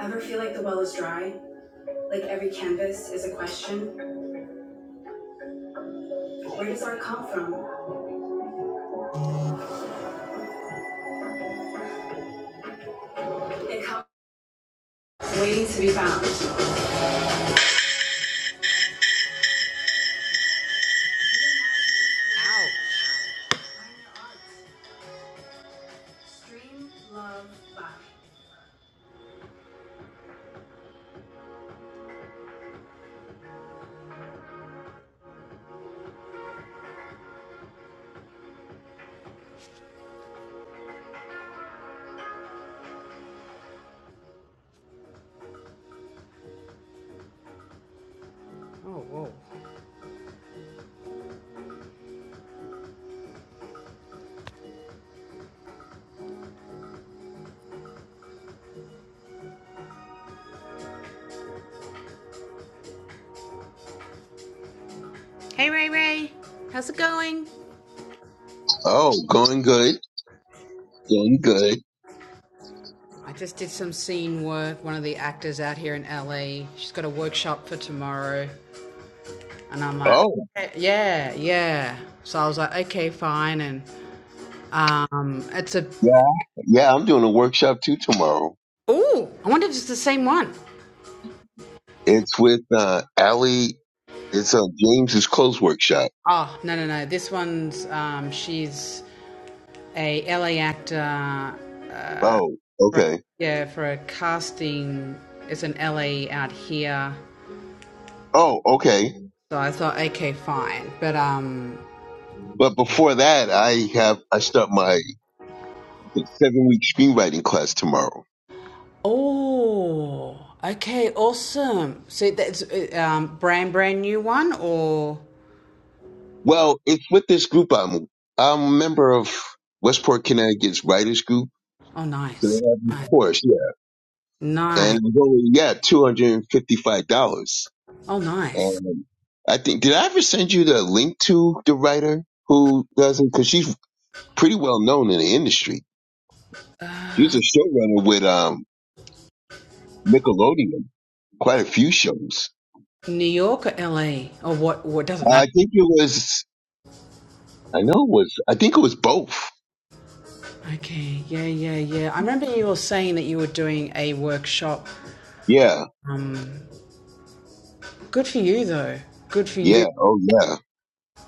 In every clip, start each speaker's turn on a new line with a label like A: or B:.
A: Ever feel like the well is dry? Like every canvas is a question? Where does art come from? It comes waiting to be found. Ow. Stream love life. Oh, whoa. Hey Ray Ray, how's it going?
B: Oh, going good. Going good.
A: I just did some scene work. One of the actors out here in LA, she's got a workshop for tomorrow. And I'm like,
B: Oh,
A: "Eh, yeah, yeah. So I was like, okay, fine. And um, it's a,
B: yeah. Yeah, I'm doing a workshop too tomorrow.
A: ooh, I wonder if it's the same one.
B: It's with uh Allie it's uh James's clothes workshop.
A: Oh no no no! This one's um, she's a LA actor.
B: Oh,
A: For,
B: okay.
A: yeah, for a casting. It's an LA out here.
B: Oh, okay.
A: So I thought, okay, fine. But um,
B: But before that I have I start my seven week screenwriting class tomorrow.
A: oh, okay, awesome. So that's uh, um, brand brand new one or
B: Well, it's with this group I'm I'm a member of Westport Connecticut's writers group.
A: oh,
B: So
A: nice,
B: they have this
A: nice,
B: course, yeah.
A: nice.
B: And it's only yeah, two hundred and fifty five dollars.
A: Oh, nice.
B: And I think did I ever send you the link to the writer who does it? Because she's pretty well known in the industry. She's a showrunner with um Nickelodeon, quite a few shows.
A: New York or LA or what? What doesn't
B: I
A: matter.
B: think it was I know it was I think it was both.
A: Okay, yeah, yeah, yeah. I remember you were saying that you were doing a workshop
B: Yeah.
A: Um, good for you though. Good for you.
B: Yeah. Oh yeah.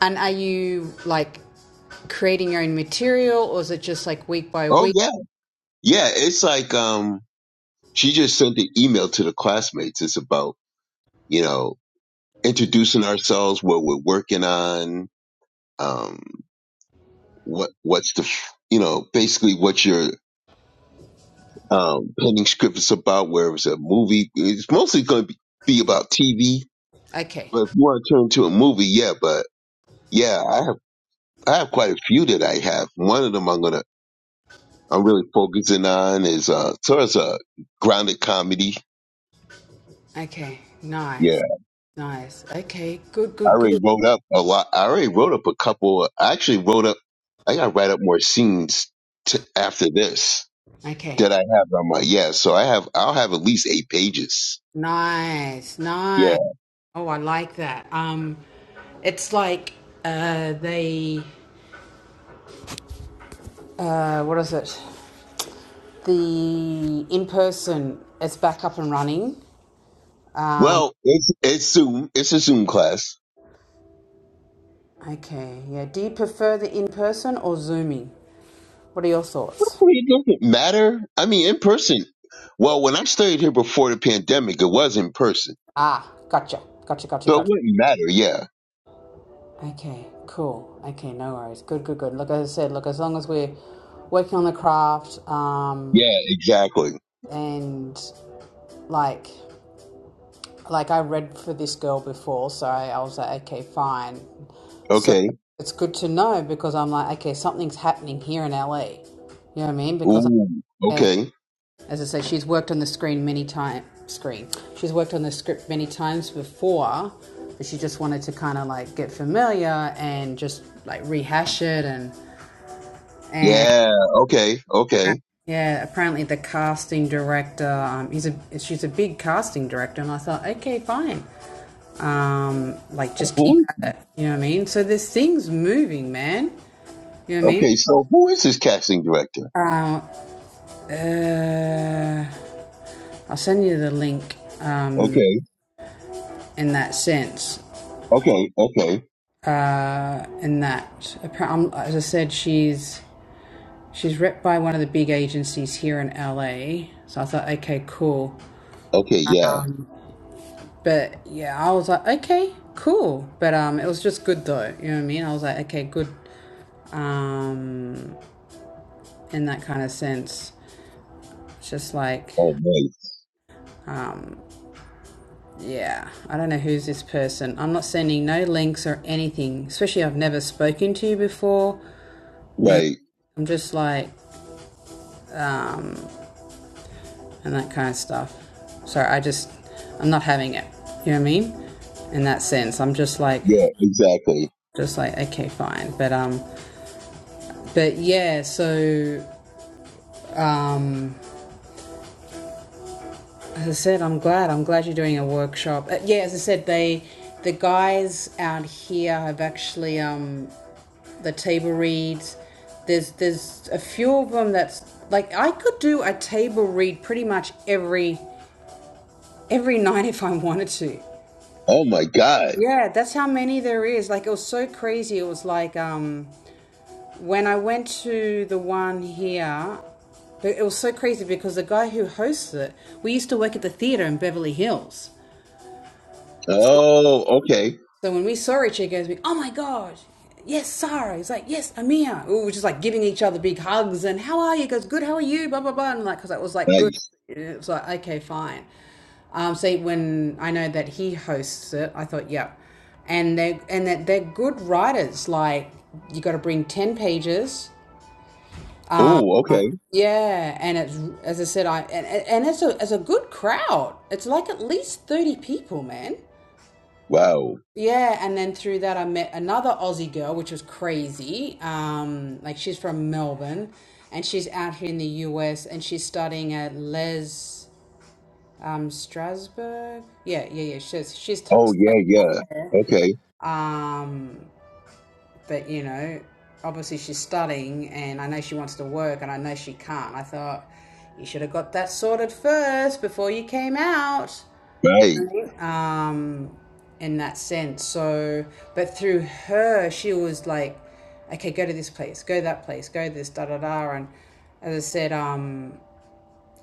A: And are you like creating your own material or is it just like week by
B: Oh
A: week?
B: yeah. Yeah. It's like um she just sent an email to the classmates. It's about, you know, introducing ourselves, what we're working on, um, what what's the f- you know, basically what your um, pending script is about, where it's a movie, it's mostly going to be be about TV.
A: Okay.
B: But if you want to turn into a movie, yeah. But yeah, I have I have quite a few that I have. One of them I'm gonna I'm really focusing on is uh sort of a grounded comedy.
A: Okay. Nice.
B: Yeah,
A: Nice. Okay. Good,
B: I
A: good, good.
B: already wrote up a lot. I already wrote up a couple. I actually wrote up. I gotta write up more scenes to, after this
A: Okay.
B: that I have on my yeah. So I have I'll have at least eight pages.
A: Nice.
B: Yeah.
A: Nice. Oh, I like that. Um it's like uh they uh what is it? The in person is back up and running. Um
B: Well, it's it's Zoom. It's a Zoom class.
A: okay. Yeah. Do you prefer the in person or zooming? What are your thoughts?
B: It doesn't matter. I mean, in person. Well, when I studied here before the pandemic, it was in person.
A: Ah, gotcha, gotcha, gotcha,
B: So it
A: gotcha.
B: wouldn't matter. Yeah.
A: Okay, cool. Okay, no worries. Good, good, good. Look, as I said, look, as long as we're working on the craft, um,
B: Yeah, exactly.
A: and like, like I read for this girl before, so I, I was like, okay, fine. So
B: Okay.
A: it's good to know because I'm like, okay, something's happening here in LA. You know what I mean? Because I'm,
B: Ooh.
A: like, okay,
B: Okay.
A: As I say, she's worked on the screen many times. Screen. She's worked on the script many times before, but she just wanted to kind of like get familiar and just like rehash it and and
B: Yeah. Okay. Okay.
A: yeah. Apparently, the casting director. Um, he's a she's a big casting director, and I thought, okay, fine. Um, like just keep
B: Who?
A: at it. You know what I mean? So there's things moving, man. You know
B: Okay. So who is this casting director?
A: what I mean? Uh, uh, I'll send you the link um,
B: Okay.
A: in that sense.
B: Okay. Okay.
A: uh, in that. um, As I said, she's she's ripped by one of the big agencies here in LA. So I thought, okay, cool.
B: Okay. Yeah.
A: But yeah, I was like, okay, cool. But um, it was just good though. You know what I mean? I was like, okay, good. Um, in that kind of sense, It's just like.
B: Oh, nice.
A: Yeah, I don't know who's this person. I'm not sending no links or anything, especially I've never spoken to you before.
B: Right.
A: I'm just like, and that kind of stuff. So I just, I'm not having it. You know what I mean? In that sense, I'm just like,
B: Yeah, exactly.
A: just like, okay, fine. But um, but yeah. So um, as I said, I'm glad. I'm glad you're doing a workshop. Uh, yeah, as I said, they, the guys out here have actually um, the table reads. There's there's a few of them that's like I could do a table read pretty much every every night if I wanted to.
B: Oh my God.
A: Yeah, that's how many there is. Like it was so crazy. It was like um when I went to the one here, but it was so crazy because the guy who hosts it, we used to work at the theater in Beverly Hills.
B: Oh, okay.
A: So when we saw each other, we, oh my gosh, yes, Sarah. He's like, yes, Amir. We were just like giving each other big hugs and how are you? He goes, good, how are you? Blah, blah, blah. And like, because it was like, good.
B: Nice.
A: And It was like, okay, fine. Um, so when I know that he hosts it, I thought, yeah. And they and that they're good writers. Like you got to bring ten pages.
B: Oh, okay.
A: Yeah, and it's as I said, I and, and it's a it's a good crowd. It's like at least thirty people, man.
B: Wow.
A: Yeah, and then through that, I met another Aussie girl, which was crazy. Um, like she's from Melbourne, and she's out here in the US, and she's studying at Les um, Strasbourg. Yeah, yeah, yeah. She's she's t-
B: Oh, yeah.
A: studying out
B: Yeah.
A: there.
B: Okay.
A: Um, but you know, obviously she's studying, and I know she wants to work, and I know she can't. I thought you should have got that sorted first before you came out.
B: Right.
A: um, in that sense. So, but through her, she was like, okay, go to this place, go to that place, go this, da da da. And as I said, um,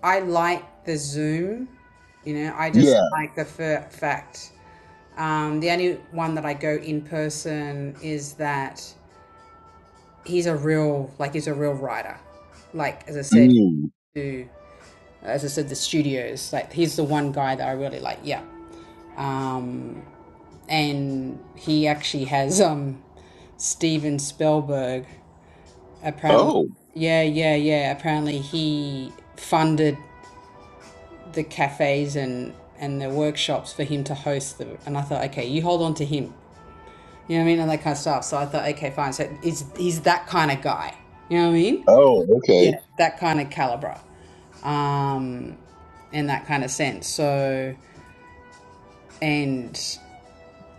A: I like the Zoom, you know, I just
B: Yeah.
A: like the fa- fact. Um, the only one that I go in person is that he's a real, like, he's a real writer. Like, as I said,
B: Mm.
A: to, as I said, the studios. Like he's the one guy that I really like. Yeah, Um, and he actually has um Steven Spielberg apparently
B: Oh,
A: yeah yeah yeah apparently he funded the cafes and and the workshops for him to host the and I thought okay you hold on to him you know what I mean and that kind of stuff so I thought okay fine so he's he's that kind of guy you know what I mean
B: oh, okay.
A: yeah that kind of caliber um in that kind of sense so and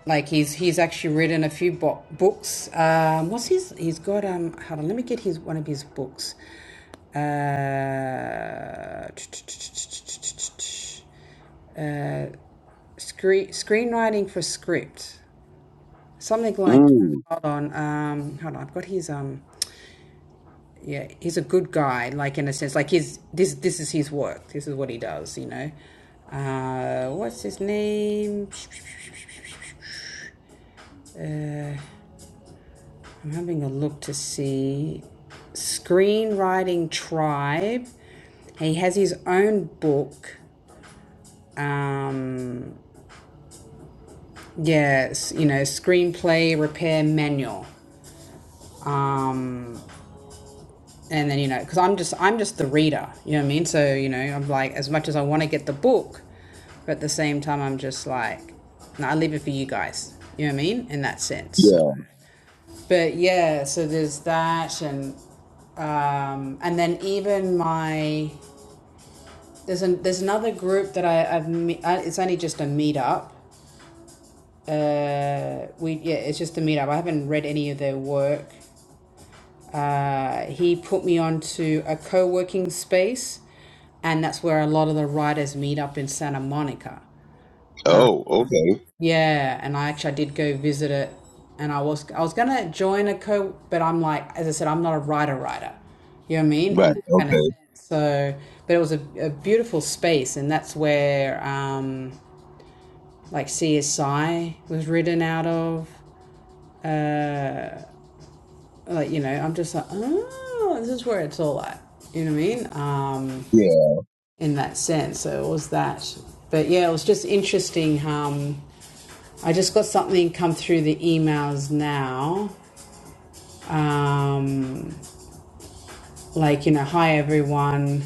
A: Like he's he's actually written a few bo- books. Um, what's his? He's got um. Hold on, let me get his one of his books. Uh, screen screenwriting for script, something like. that.
B: Mm,
A: Hold on, um, hold on. I've got his um. Yeah, he's a good guy. Like in a sense, like his this this is his work. This is what he does. You know. Uh, what's his name? I'm having a look to see Screenwriting Tribe. He has his own book. Um, yes, you know, screenplay repair manual. Um, and then you know because i'm just i'm just the reader you know what i mean so you know i'm like as much as i want to get the book but at the same time i'm just like no, i leave it for you guys you know what i mean in that sense so
B: yeah.
A: but yeah so there's that and um and then even my there's an there's another group that I, I've me- uh, it's only just a meetup uh we yeah it's just a meetup I haven't read any of their work Uh, he put me onto a co working space, and that's where a lot of the writers meet up in Santa Monica.
B: Oh, okay.
A: Yeah, and I actually I did go visit it, and I was I was gonna join a co, but I'm like, as I said, I'm not a writer writer. You know what I mean? In
B: Right.
A: that kind of
B: Okay.
A: sense. So, but it was a, a beautiful space, and that's where um, like CSI was written out of. Uh, like you know, I'm just like, oh, this is where it's all at. You know what I mean? Um,
B: Yeah.
A: in that sense. So it was that. But yeah, it was just interesting. Um, I just got something come through the emails now. Um, like, you know, hi everyone.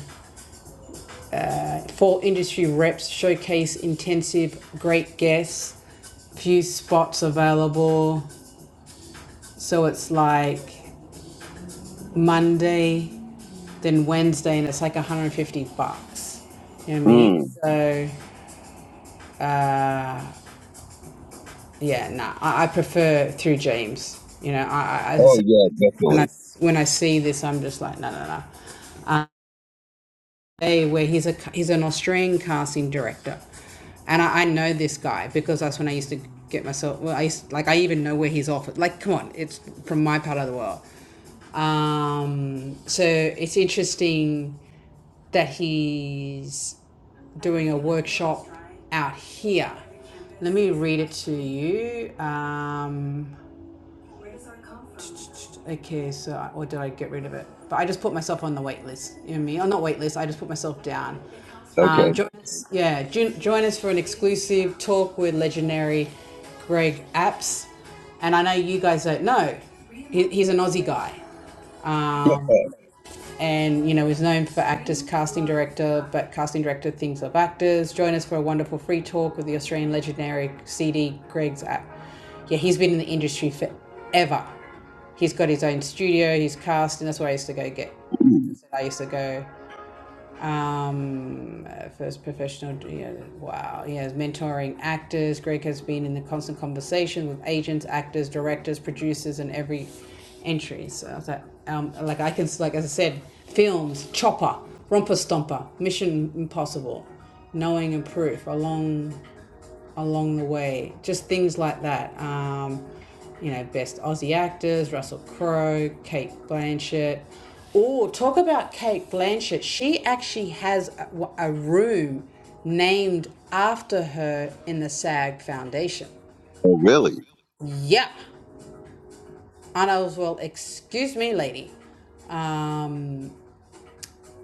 A: Four industry reps showcase intensive, great guests, few spots available. So it's like Monday, then Wednesday, and it's like 150 bucks. You know what I mean?
B: Mm.
A: So uh, yeah, nah, I, I prefer through James. You know, I, I as I
B: Oh,
A: said,
B: yeah,
A: when I
B: definitely.
A: when I see this, I'm just like, no, no, no. Bay, where he's a he's an Australian casting director, and I, I know this guy because that's when I used to get myself. Well, I used, like I even know where he's off. Like, come on, it's from my part of the world. Um, so it's interesting that he's doing a workshop out here. Let me read it to you. Um, Okay, so I, or did I get rid of it? But I just put myself on the wait list. You know me, or not wait list. I just put myself down. Um,
B: Okay.
A: join us, yeah, join, join us for an exclusive talk with legendary Greg Apps. And I know you guys don't know, he, he's an Aussie guy. Um, and you know is known for actors casting director but casting director thinks of actors join us for a wonderful free talk with the australian legendary cd greg's app yeah he's been in the industry forever he's got his own studio he's cast and that's where i used to go get
B: Mm.
A: i used to go um, uh, first professional, you know, wow, he has mentoring actors. Greg has been in the constant conversation with agents, actors, directors, producers, and every entry. So I was like, um, like I can, like as I said, films, Chopper, Romper Stomper, Mission Impossible, Knowing and Proof, along along the way. Just things like that. Um, you know, best Aussie actors, Russell Crowe, Kate Blanchett. Oh, talk about Kate Blanchett. She actually has a, a room named after her in the SAG Foundation.
B: Oh, really?
A: Yeah. And I was, well, excuse me, lady. Um,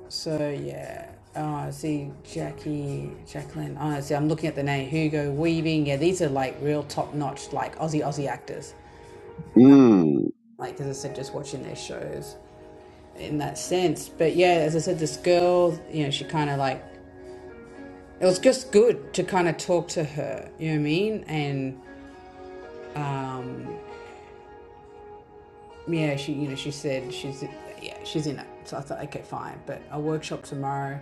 A: So yeah, uh, see Jackie, Jacqueline. Uh, see, I'm looking at the name Hugo Weaving. Yeah, these are like real top notch, like Aussie Aussie actors.
B: Mm.
A: Like as I said, just watching their shows in that sense. But yeah, as I said, this girl, you know, she kind of like it was just good to kind of talk to her. You know what I mean? And um, yeah, she you know she said she's yeah she's in it. So I thought okay fine, but I'll workshop tomorrow.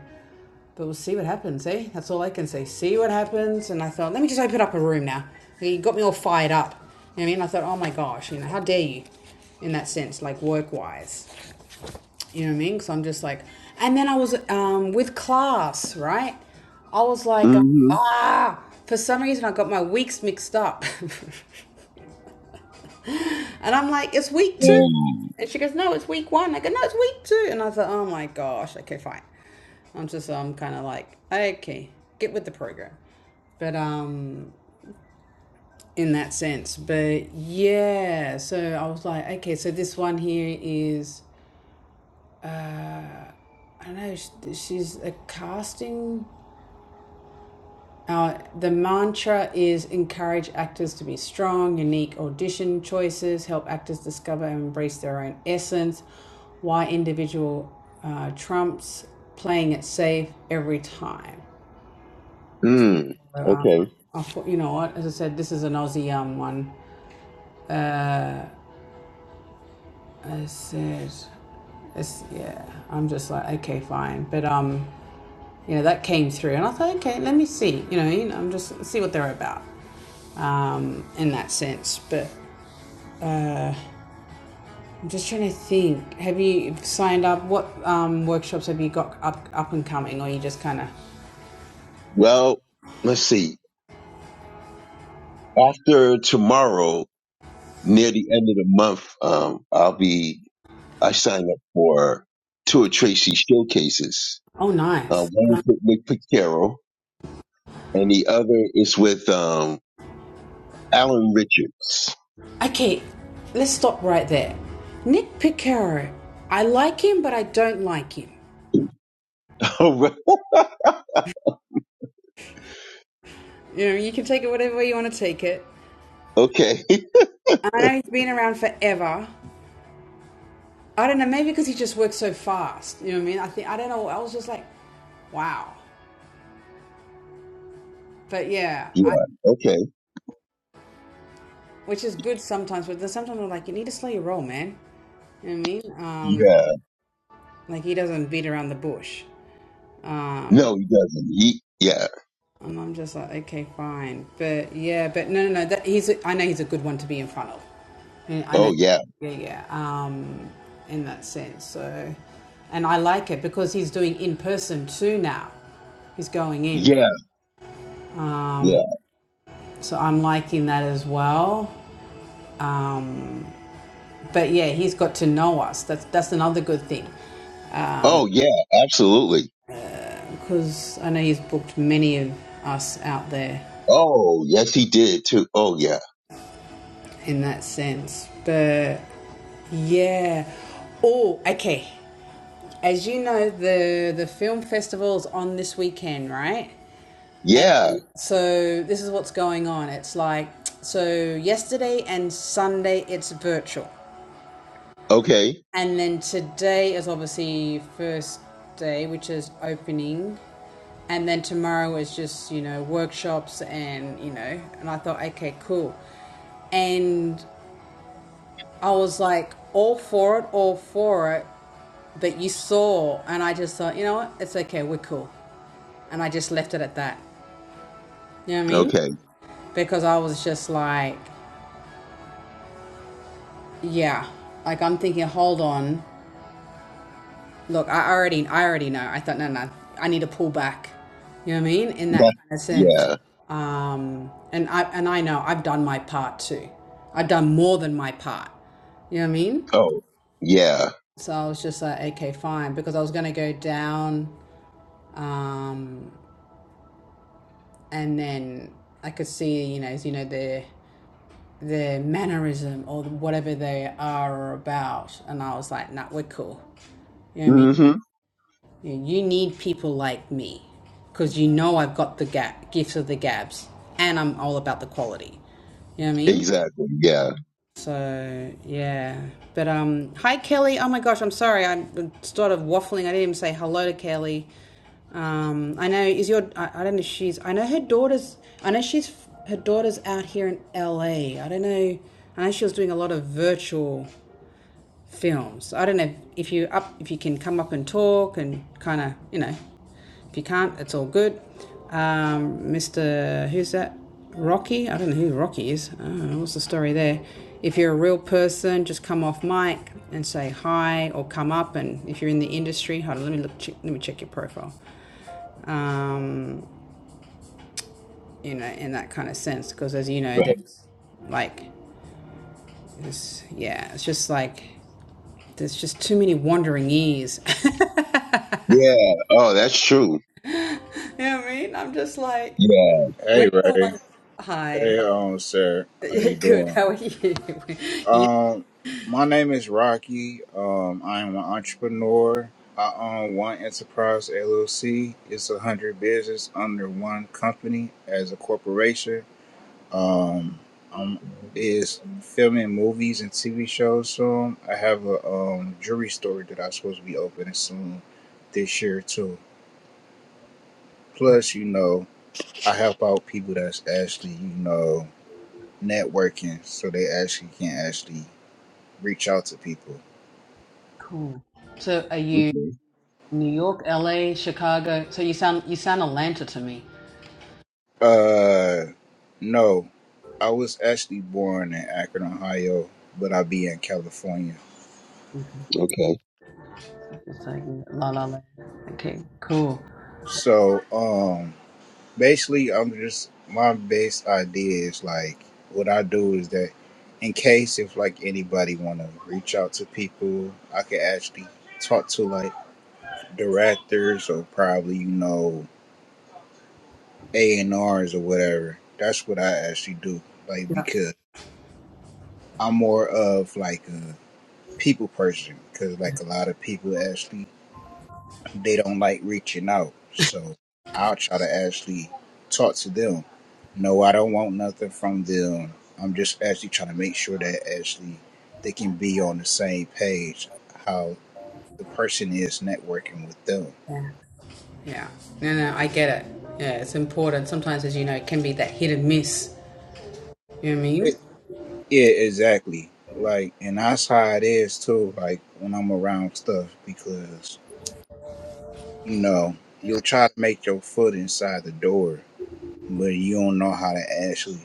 A: But we'll see what happens. Eh, that's all I can say. See what happens. And I thought let me just open up a room now. You got me all fired up. You know what I mean, I thought oh my gosh, you know how dare you, in that sense like work wise. You know what I mean? So I'm just like, and then I was um with class right. I was like um,
B: Mm-hmm.
A: ah. For some reason, I got my weeks mixed up. And I'm like, it's week two.
B: Um,
A: And she goes, no, it's week one. I go, no, it's week two. And I thought, oh my gosh, okay, fine. I'm just, I'm kind of like, okay, get with the program. But um, in that sense, but yeah, so I was like, okay, so this one here is, I don't know, sh- she's a casting. Our, the mantra is encourage actors to be strong, unique audition choices, help actors discover and embrace their own essence, why individual uh, trumps playing it safe every time.
B: mm.
A: So, uh,
B: Okay.
A: I thought, you know what, as I said, this is an Aussie um, one. I said, it's, yeah, I'm just like, okay, fine. But, um, you know, that came through and I thought, okay, let me see, you know, you know I'm just see what they're about um, in that sense. But I'm just trying to think. Have you signed up? What um, workshops have you got up up and coming, or you just kind of?
B: Well, let's see. After tomorrow, near the end of the month, um, I'll be, I signed up for two of Tracy showcases.
A: Oh,
B: Uh,
A: nice.
B: one's with Nick Picaro and the other is with, um, Alan Richards.
A: Okay, let's stop right there. Nick Picaro. I like him, but I don't like him. You know, you can take it whatever way you want to take it.
B: Okay.
A: And I know he's been around forever. I don't know, maybe because he just works so fast. You know what I mean? I think I don't know. I was just like, wow. But yeah, I,
B: Yeah. Okay.
A: which is good sometimes. But then sometimes I'm like, you need to slow your roll, man. You know what I mean? Um,
B: Yeah.
A: Like he doesn't beat around the bush. Um,
B: No, he doesn't. He, yeah.
A: and I'm just like, okay, fine, but yeah, but no, no, no. That, he's a, I know he's a good one to be in front of. I I know,
B: Oh, yeah.
A: yeah, yeah. Um, in that sense, so, and I like it because he's doing in person too now. He's going in,
B: Yeah. Yeah.
A: so I'm liking that as well. Um, but yeah, he's got to know us. That's that's another good thing
B: Oh, yeah. Absolutely.
A: because I know he's booked many of us out there
B: Oh, yes, he did too. Oh, yeah.
A: in that sense. But yeah. Oh, okay. As you know, the the film festival's on this weekend, right?
B: Yeah.
A: So this is what's going on. It's like so yesterday and Sunday it's virtual.
B: Okay.
A: And then today is obviously first day, which is opening. And then tomorrow is just, you know, workshops and, you know, and I thought, okay, cool. And I was like all for it, all for it, but you saw, and I just thought, you know what, it's okay, we're cool, and I just left it at that. You know what I mean?
B: Okay.
A: Because I was just like, yeah, like I'm thinking, hold on, look, I already, I already know. I thought, no, no, I need to pull back. You know what I mean? In that
B: That,
A: kind of sense.
B: yeah.
A: Um, and I and I know I've done my part too. I've done more than my part. You know what I mean?
B: Oh, yeah.
A: So I was just like, okay, fine, because I was gonna go down. um, and then I could see, you know, you know their their mannerism or whatever they are or about, and I was like, nah, we're cool. You know what I mean?
B: hmm
A: You, you need people like me because you know I've got the ga- gifts of the gabs, and I'm all about the quality. You know what I mean?
B: Exactly. Yeah.
A: So yeah, but um, hi Kelly. Oh my gosh, I'm sorry. I'm sort of waffling. I didn't even say hello to Kelly. Um, I know is your. I, I don't know. If she's. I know her daughter's. I know she's. Her daughter's out here in LA. I don't know. I know she was doing a lot of virtual films. I don't know if you up if you can come up and talk and kind of you know if you can't, it's all good. Um, Mr. Who's that? Rocky? I don't know who Rocky is. I don't know. What's the story there? If you're a real person, just come off mic and say hi, or come up. And if you're in the industry, hold on. Let me look. Check, let me check your profile. Um, you know, in that kind of sense, because as you know,
B: Right.
A: there's like, this, yeah, it's just like there's just too many wandering ears.
B: Yeah. Oh, that's true.
A: You know what I mean? I'm just like,
B: Yeah.
A: we're
C: Hey
A: the
C: Ray.
A: ones. Hi.
C: Hey um sir. How
A: Yeah,
C: you
A: good.
C: doing?
A: How are you? you?
C: Um my name is Rocky. Um I am an entrepreneur. I own one enterprise LLC. It's a hundred business under one company as a corporation. Um I'm is filming movies and TV shows soon. I have a um jewelry store that I'm supposed to be opening soon this year too. Plus, you know, I help out people that's actually, you know, networking, so they actually can actually reach out to people.
A: Cool. So, are you
B: hmm
A: New York, LA, Chicago? So you sound you sound Atlanta to me.
C: Uh, no, I was actually born in Akron, Ohio, but I be in California.
B: Okay.
A: It's like la la la. Okay. Cool.
C: So, um, basically, I'm just my base idea is like what I do is that in case if like anybody want to reach out to people, I can actually talk to like directors or probably you know A and R's or whatever. That's what I actually do, like
A: Yeah.
C: because. I'm more of like a people person because like a lot of people actually they don't like reaching out. So I'll try to actually talk to them. No, I don't want nothing from them. I'm just actually trying to make sure that actually they can be on the same page how the person is networking with them.
A: Yeah. No, no, I get it. Yeah, it's important. Sometimes, as you know, it can be that hit and miss. You know what I
C: It,
A: mean?
C: yeah, exactly. Like, and that's how it is too. Like when I'm around stuff because you know you'll try to make your foot inside the door but you don't know how to actually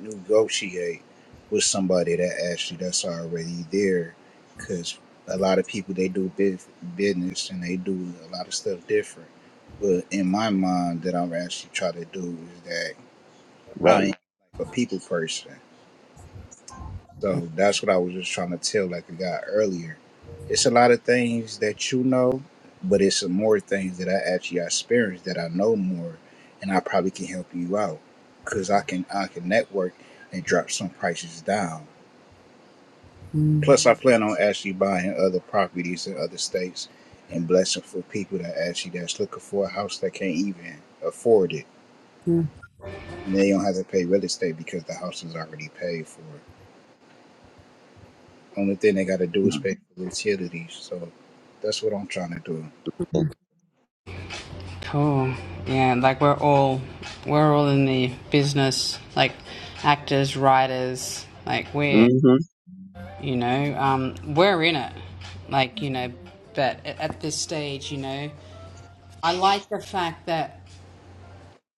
C: negotiate with somebody that actually that's already there because a lot of people they do bus- business and they do a lot of stuff different but in my mind that i'm actually trying to do is that i
B: Right.
C: am like a people person so that's what I was just trying to tell like the guy earlier. It's a lot of things that you know, but it's some more things that I actually experienced that I know more and I probably can help you out. Cause I can I can network and drop some prices down. Plus I plan on actually buying other properties in other states and blessing for people that actually that's looking for a house that can't even afford it. And they don't have to pay real estate because the house is already paid for. Only thing they got to do is
B: Mm-hmm.
C: pay for the utilities. So that's what I'm trying to do.
A: Cool. Yeah, like we're all we're all in the business, like actors, writers, like we're You know, um, we're in it. Like, you know, but at, at this stage, you know, I like the fact that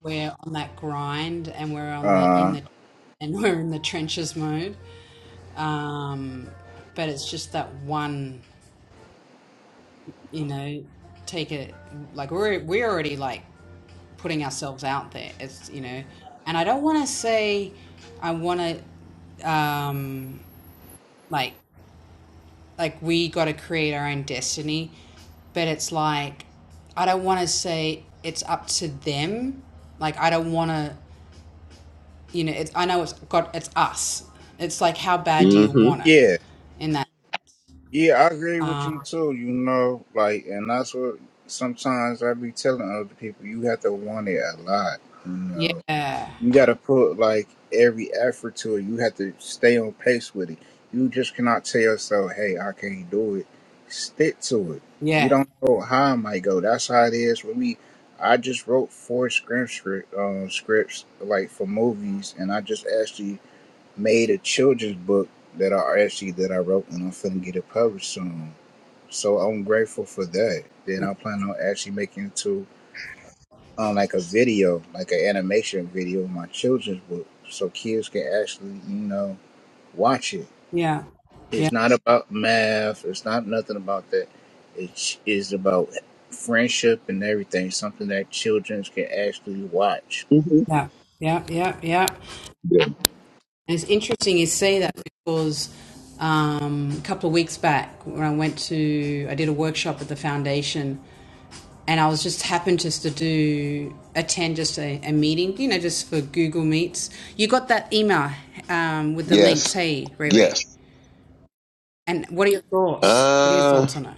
A: we're on that grind and we're on the in
C: Uh,
A: the and we're in the trenches mode. Um, but it's just that one, you know, take it like we're we're already like putting ourselves out there. It's you know, and I don't want to say I want to um, like like we got to create our own destiny, but it's like I don't want to say it's up to them. Like I don't want to, you know. It's I know it's got it's us. It's like how bad do you
B: Mm-hmm.
A: want it?
C: yeah,
A: In that,
C: yeah, I agree with
A: uh,
C: you too. You know, like, and that's what sometimes I be telling other people. You have to want it a lot. You know.
A: yeah, yeah,
C: you got to put like every effort to it. You have to stay on pace with it. You just cannot tell yourself, "Hey, I can't do it." Stick to it. We
A: yeah,
C: don't know how it might go. That's how it is with me. I just wrote four script script- um, scripts like for movies, and I just actually made a children's book that I actually that I wrote, and I'm finna get it published soon. So I'm grateful for that. Then I plan on actually making two on like a video, like an animation video, in my children's book, so kids can actually, you know, watch it.
A: yeah,
C: It's not about math. It's not nothing about that. It is about friendship and everything. Something that children can actually watch.
B: hmm
A: yeah, yeah, yeah, yeah. And
B: Yeah.
A: it's interesting you say that because um, a couple of weeks back when I went to, I did a workshop at the foundation and I was just happened just to do attend just a, a meeting, you know, just for Google Meets. You got that email um, with the links.
B: Yes.
A: Hey, Riri,
B: Yes.
A: and what are your thoughts? What are your
B: Uh,
A: thoughts on it?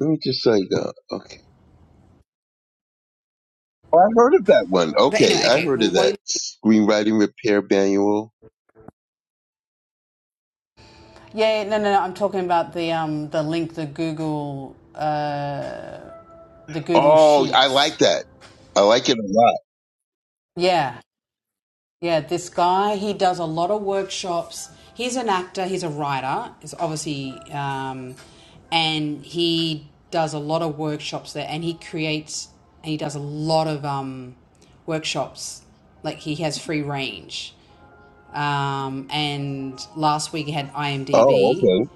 B: let me just say that. Oh, I heard of that one.
A: But
B: Okay,
A: anyway,
B: I
A: okay.
B: heard
A: Well,
B: of
A: while
B: that
A: you,
B: screenwriting repair manual.
A: yeah, no, no, no, I'm talking about the um the link, the Google, the Google
B: Oh, I
A: Sheets.
B: like that. I like it a lot.
A: Yeah, Yeah, this guy, he does a lot of workshops. He's an actor, he's a writer, he's obviously, um, and he does a lot of workshops there and he creates and he does a lot of um, workshops. Like he has free range. Um, and last week he had
B: Oh,
A: IMDb.
B: okay.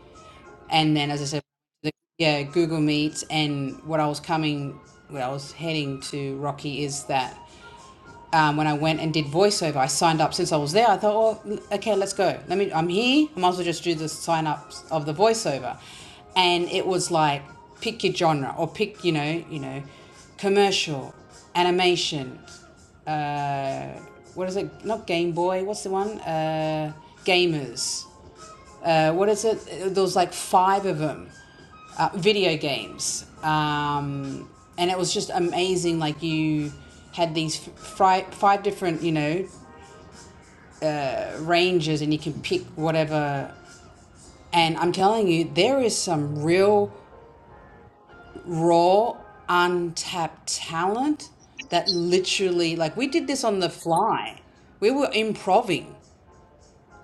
A: And then, as I said, the, yeah, Google Meets. And what I was coming, what I was heading to Rocky is that um, when I went and did voiceover, I signed up since I was there. I thought, oh, okay, let's go. Let me. I'm here. I might as well just do the sign ups of the voiceover, and it was like pick your genre or pick you know you know commercial, animation. Uh, what is it? Not Game Boy. What's the one? Uh, gamers uh, what is it? There was like five of them, uh, video games, um, and it was just amazing. Like you had these fri- five different, you know, ranges, and you can pick whatever. And I'm telling you, there is some real raw, untapped talent that literally, like, we did this on the fly. We were improving,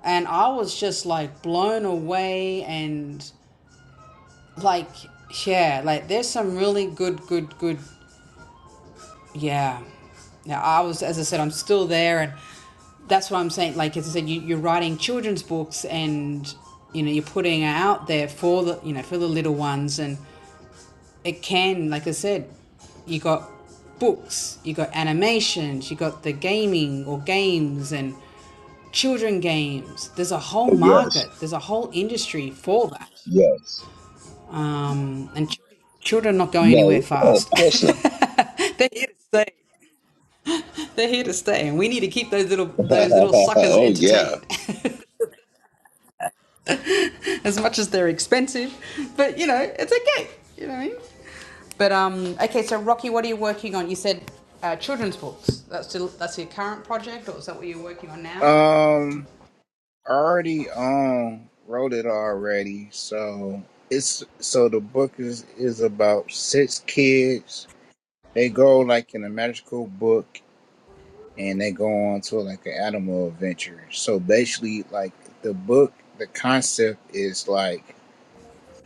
A: and I was just like blown away and Like, yeah, like there's some really good, good, good, yeah. Now, I was, as I said, I'm still there, and that's what I'm saying. Like, as I said, you, you're writing children's books, and you know, you're putting it out there for the, you know, for the little ones, and it can, like I said, you got books, you got animations, you got the gaming or games and children games. There's a whole
B: Oh, yes,
A: market, there's a whole industry for that.
B: yes.
A: Um, and ch- children are not going
B: No,
A: anywhere
B: oh, of
A: fast.
B: course not.
A: They're here to stay. They're here to stay, and we need to keep those little those little suckers
B: oh, yeah,
A: entertained, as much as they're expensive. But you know, it's okay. You know what I mean? But um, okay. So Rocky, what are you working on? You said uh, children's books. That's still that's your current project, or is that what you're working on now?
C: Um, I already um wrote it already, so it's so the book is is about six kids. They go like in a magical book and they go on to like an animal adventure. So basically, like the book, the concept is like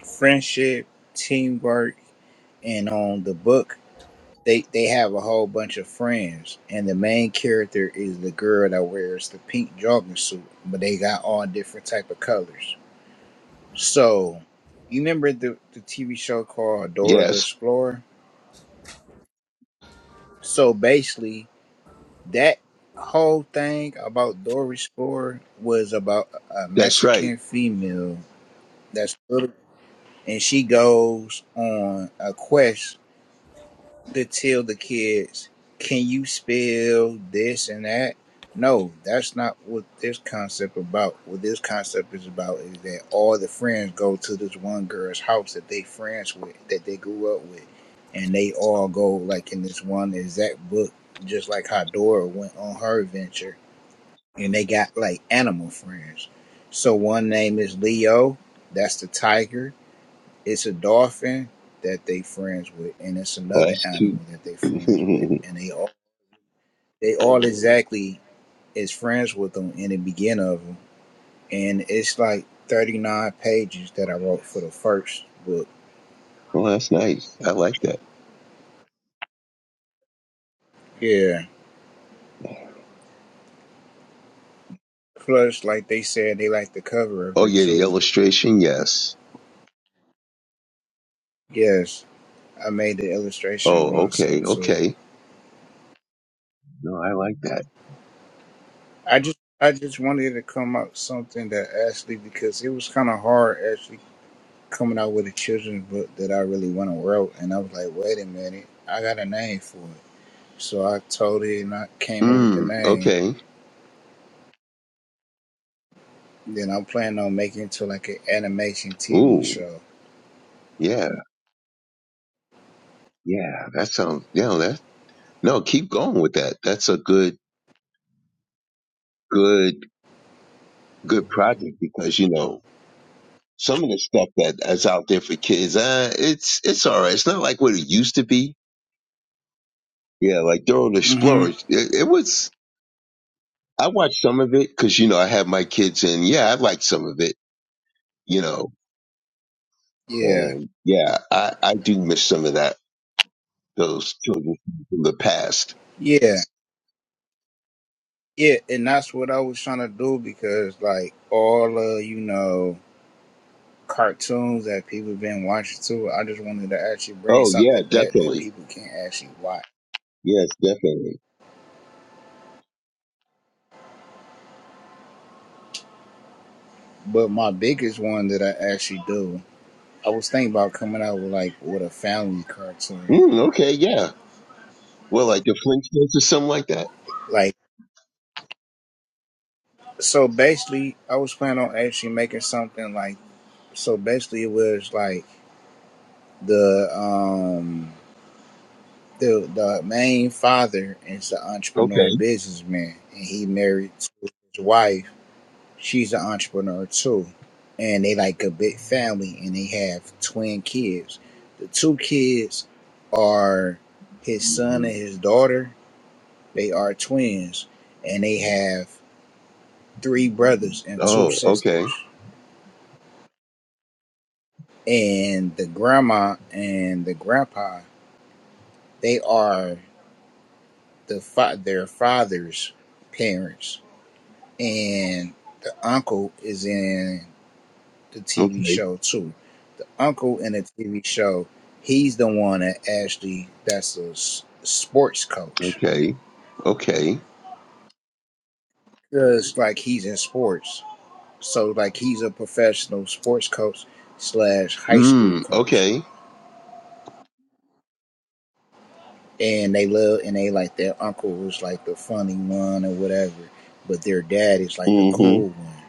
C: friendship, teamwork, and on the book, they they have a whole bunch of friends, and the main character is the girl that wears the pink jogging suit, but they got all different type of colors. So you remember the the TV show called Dora the
B: yes,
C: Explorer? So basically, that whole thing about Doris Spore was about a
B: that's right.
C: Mexican female that's little, and she goes on a quest to tell the kids, "Can you spell this and that?" No, that's not what this concept about. What this concept is about is that all the friends go to this one girl's house that they friends with, that they grew up with, and they all go like in this one exact book, just like how Dora went on her adventure and they got like animal friends. So one name is Leo, that's the tiger. It's a dolphin that they friends with, and it's
B: Oh,
C: another
B: that's
C: animal
B: cute.
C: that they friends with, and they all they all exactly is friends with them in the beginning of them, and it's like thirty nine pages that I wrote for the first book.
B: well, that's nice. I like that.
C: Yeah. Plus, like they said, they like the cover of
B: Oh,
C: it
B: yeah, the
C: too.
B: illustration. Yes.
C: Yes, I made the illustration
B: Oh, okay,
C: myself too.
B: okay. No, I like that.
C: I just I just wanted to come up with something that actually because it was kind of hard actually coming out with a children's book that I really want to wrote, and I was like, wait a minute, I got a name for it. So I told it, and I came up with the
B: Mm,
C: name.
B: okay.
C: Then I'm planning on making it to like an animation TV
B: Ooh,
C: show.
B: yeah, yeah. That sounds. Yeah, that. No, keep going with that. That's a good. good good project because you know some of the stuff that that's out there for kids, uh, it's it's all right. It's not like what it used to be. Yeah, like Dora the
C: hmm
B: Explorer, it, it was. I watched some of it because you know I had my kids and yeah, I liked some of it. You know,
C: Yeah,
B: and yeah, I I do miss some of that those children from the past.
C: yeah, yeah, and that's what I was trying to do because like all uh, you know cartoons that people been watching too. I just wanted to actually bring
B: Oh yeah,
C: something back that
B: definitely.
C: people can actually watch.
B: Yes, definitely.
C: But my biggest one that I actually do, I was thinking about coming out with like with a family cartoon.
B: Mm, okay, yeah. Well, like the Flintstones or something like that.
C: Like so basically I was planning on actually making something like so basically it was like the um the the main father is an
B: Okay.
C: entrepreneur businessman and he married to his wife. She's an entrepreneur too. And they like a big family and they have twin kids. The two kids are his son and his daughter They are twins and they have three brothers and two
B: Oh,
C: sisters.
B: okay,
C: And the grandma and the grandpa, they are the fa- their father's parents. And the uncle is in the TV
B: okay,
C: show too. The uncle in the TV show, he's the one that actually that's a s- sports coach.
B: okay. Okay.
C: Cause like he's in sports. So like he's a professional sports coach slash high school
B: Mm,
C: coach.
B: okay.
C: and they love and they like their uncle was like the funny one or whatever, but their dad is like the
B: Mm-hmm.
C: cool one.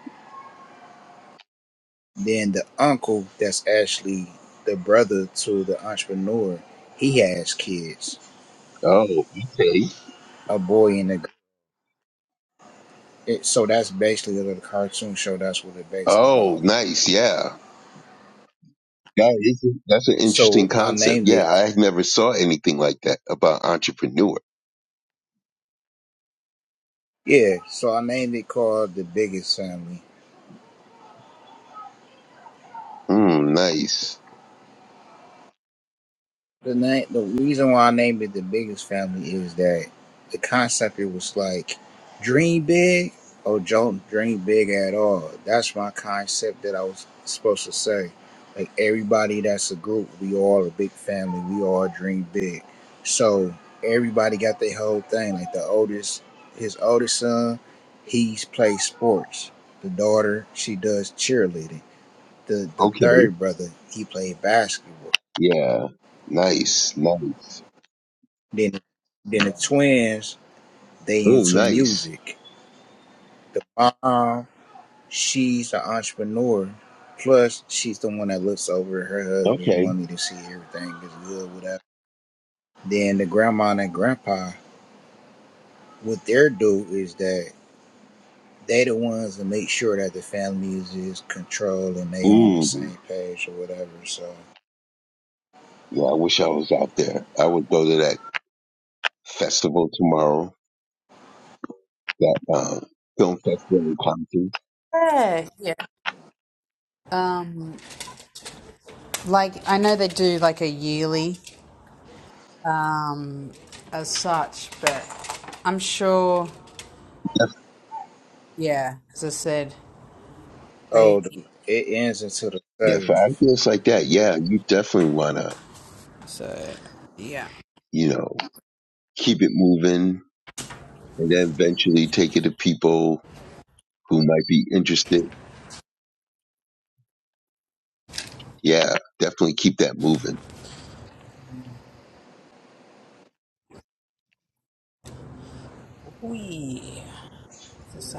C: Then the uncle that's actually the brother to the entrepreneur, he has kids,
B: Oh, okay.
C: a boy and a girl. It, so that's basically a little cartoon show. That's what it's based
B: Oh,
C: about.
B: nice. Yeah. That is that's an
C: So
B: interesting
C: I
B: concept.
C: named it,
B: Yeah, I never saw anything like that about entrepreneur.
C: yeah. So I named it called the Biggest Family.
B: Mm, nice.
C: The name, the reason why I named it the biggest family is that the concept it was like dream big or don't dream big at all. That's my concept that I was supposed to say. Like everybody that's a group, we all a big family. We all dream big. So everybody got their whole thing. Like the oldest, his oldest son, he's plays sports. The daughter, she does cheerleading. The the
B: Okay.
C: third brother, he played basketball
B: Yeah. Nice. Nice.
C: Then, then the twins, they
B: Oh,
C: into
B: nice.
C: music. The mom, she's an entrepreneur. Plus, she's the one that looks over her husband's
B: Okay.
C: money to see everything is good, whatever. Then the grandma and grandpa, what they're do is that they the ones that make sure that the family is, is controlled and they on the
B: Mm.
C: same page or whatever. So,
B: Yeah, I wish I was out there. I would go to that festival tomorrow, that um, film festival in Compton.
A: Yeah, yeah. Um, like I know they do like a yearly um, as such, but I'm sure. Yeah, as I said, they
C: oh, the- it ends until the
B: Yeah, for
C: seventh.
B: ideas like that, yeah, you definitely wanna,
A: so yeah.
B: you know. keep it moving, and then eventually take it to people who might be interested. Yeah, definitely keep that moving.
A: We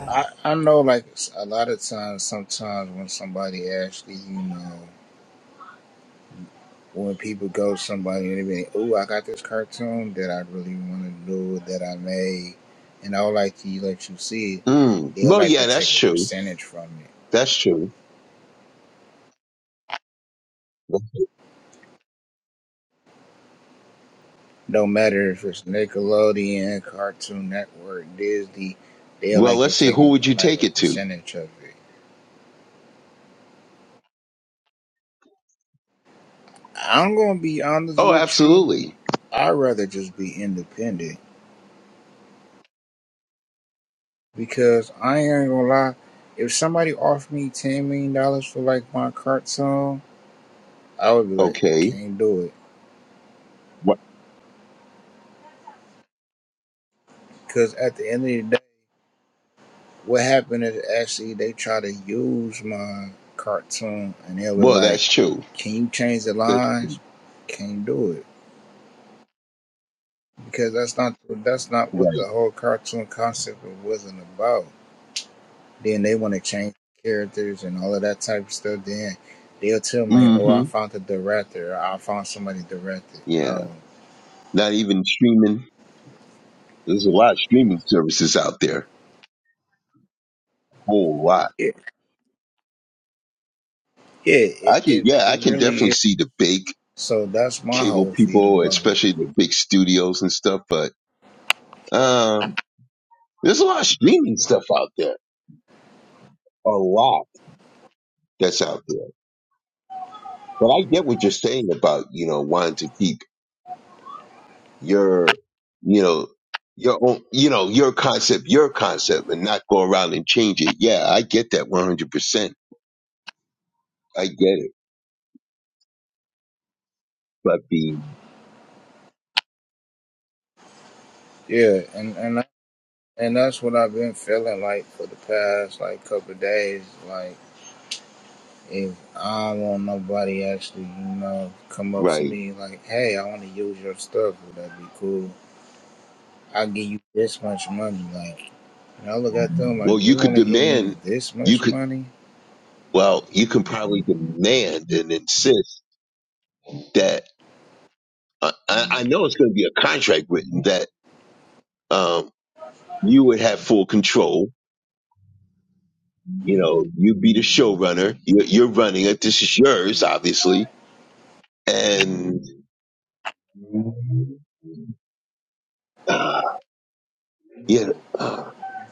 C: I, I know, like, a lot of times, sometimes when somebody actually, you know. when people go to somebody and they be, like, "Ooh, I got this cartoon that I really want to do that I made, and I would like to let you see it,
B: Mm.
C: they'll
B: Well,
C: like to
B: yeah, that's
C: take a
B: true.
C: percentage from it.
B: That's true.
C: No matter if it's Nickelodeon, Cartoon Network, Disney, they'll
B: Well,
C: like to
B: let's see.
C: take
B: Who
C: a
B: would you
C: like
B: take
C: a
B: it to?
C: percentage of it. I'm gonna be honest
B: Oh,
C: with you.
B: absolutely.
C: I'd rather just be independent because I ain't gonna lie. If somebody offered me ten million dollars for like my cartoon, I would be like,
B: Okay.
C: can't do it
B: Wh-
C: Because at the end of the day, what happened is actually they try to use my cartoon and they were
B: Well,
C: like,
B: that's true.
C: can you change the
B: That's
C: lines? Can't do it. Because that's not that's not what
B: right.
C: the whole cartoon concept wasn't about. Then they want to change characters and all of that type of stuff. Then they'll tell them like, oh,
B: hmm
C: I found the director. Or, I found somebody directed.
B: Yeah.
C: No.
B: Not even streaming. There's a lot of streaming services out there. Whole lot.
C: It, yeah, it,
B: I can.
C: it,
B: Yeah, I
C: it
B: can
C: really
B: definitely
C: is.
B: see the big
C: So that's my
B: cable
C: whole feed
B: people,
C: about it.
B: especially the big studios and stuff. But uh, There's a lot of streaming stuff out there, a lot that's out there. But I get what you're saying about, you know, wanting to keep your, you know, your own, you know, your concept, your concept and not go around and change it. Yeah, I get that 100%. I get it. But the,
C: Yeah, and, and And that's what I've been feeling like for the past like couple of days. Like if I don't want nobody actually, you know, come up to
B: right.
C: me like, "Hey, I want to use your stuff. Would that be cool? I'll give you this much money." Like, and I look at them
B: Well,
C: like,
B: you
C: "You
B: could
C: want to give me
B: demand,
C: this
B: you
C: much
B: could,
C: money?"
B: well, you can probably demand and insist that, uh, I, I know it's going to be a contract written that, um, you would have full control You know, you be the showrunner. You're, you're running it. This is yours, obviously. And uh, yeah, uh,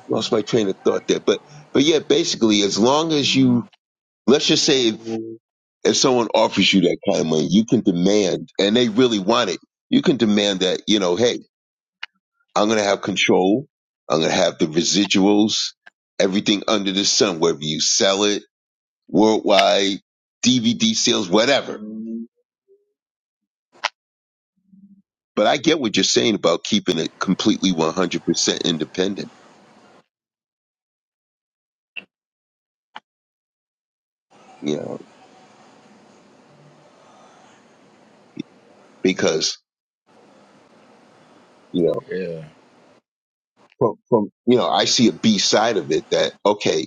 B: lost my train of thought there. But but yeah, basically, as long as you let's just say if, if someone offers you that kind of money, you can demand, and they really want it. You can demand that you know, hey, I'm gonna have control. I'm gonna have the residuals, everything under the sun, whether you sell it worldwide, DVD sales, whatever. But I get what you're saying about keeping it completely 100% independent, you know, because, you know,
C: Yeah,
B: from, from, you know, I see a B side of it that, okay,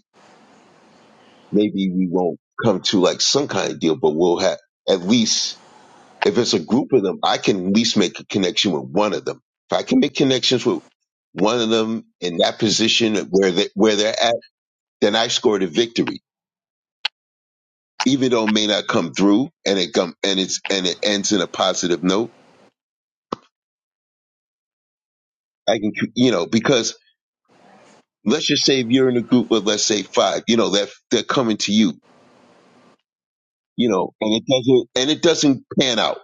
B: maybe we won't come to like some kind of deal, but we'll have at least, if it's a group of them, I can at least make a connection with one of them. If I can make connections with one of them in that position where they, where they're at, then I scored a victory. Even though it may not come through and it come, and it's, and it ends in a positive note, I can, you know, because let's just say if you're in a group of let's say five, you know, that they're coming to you, you know, and it doesn't and it doesn't pan out.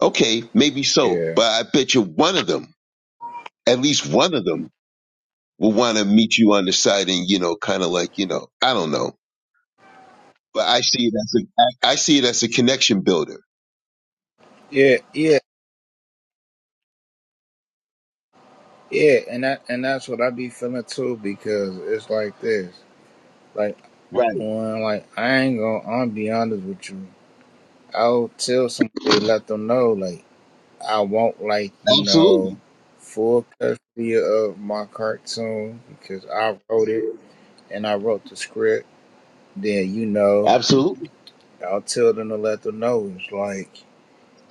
B: Okay, maybe so,
C: yeah,
B: but I bet you one of them, at least one of them, will want to meet you on the side and you know, kind of like you know, I don't know, but I see it as a I I see it as a connection builder.
C: yeah, yeah, yeah. And that and that's what I be feeling too because it's like this. Like
B: Right.
C: when like I ain't gonna. I'm gonna be honest with you. I'll tell somebody, let them know like. I want like you know
B: Absolutely.
C: full custody of my cartoon because I wrote it and I wrote the script. Then you know
B: Absolutely.
C: I'll tell them to let them know. It's like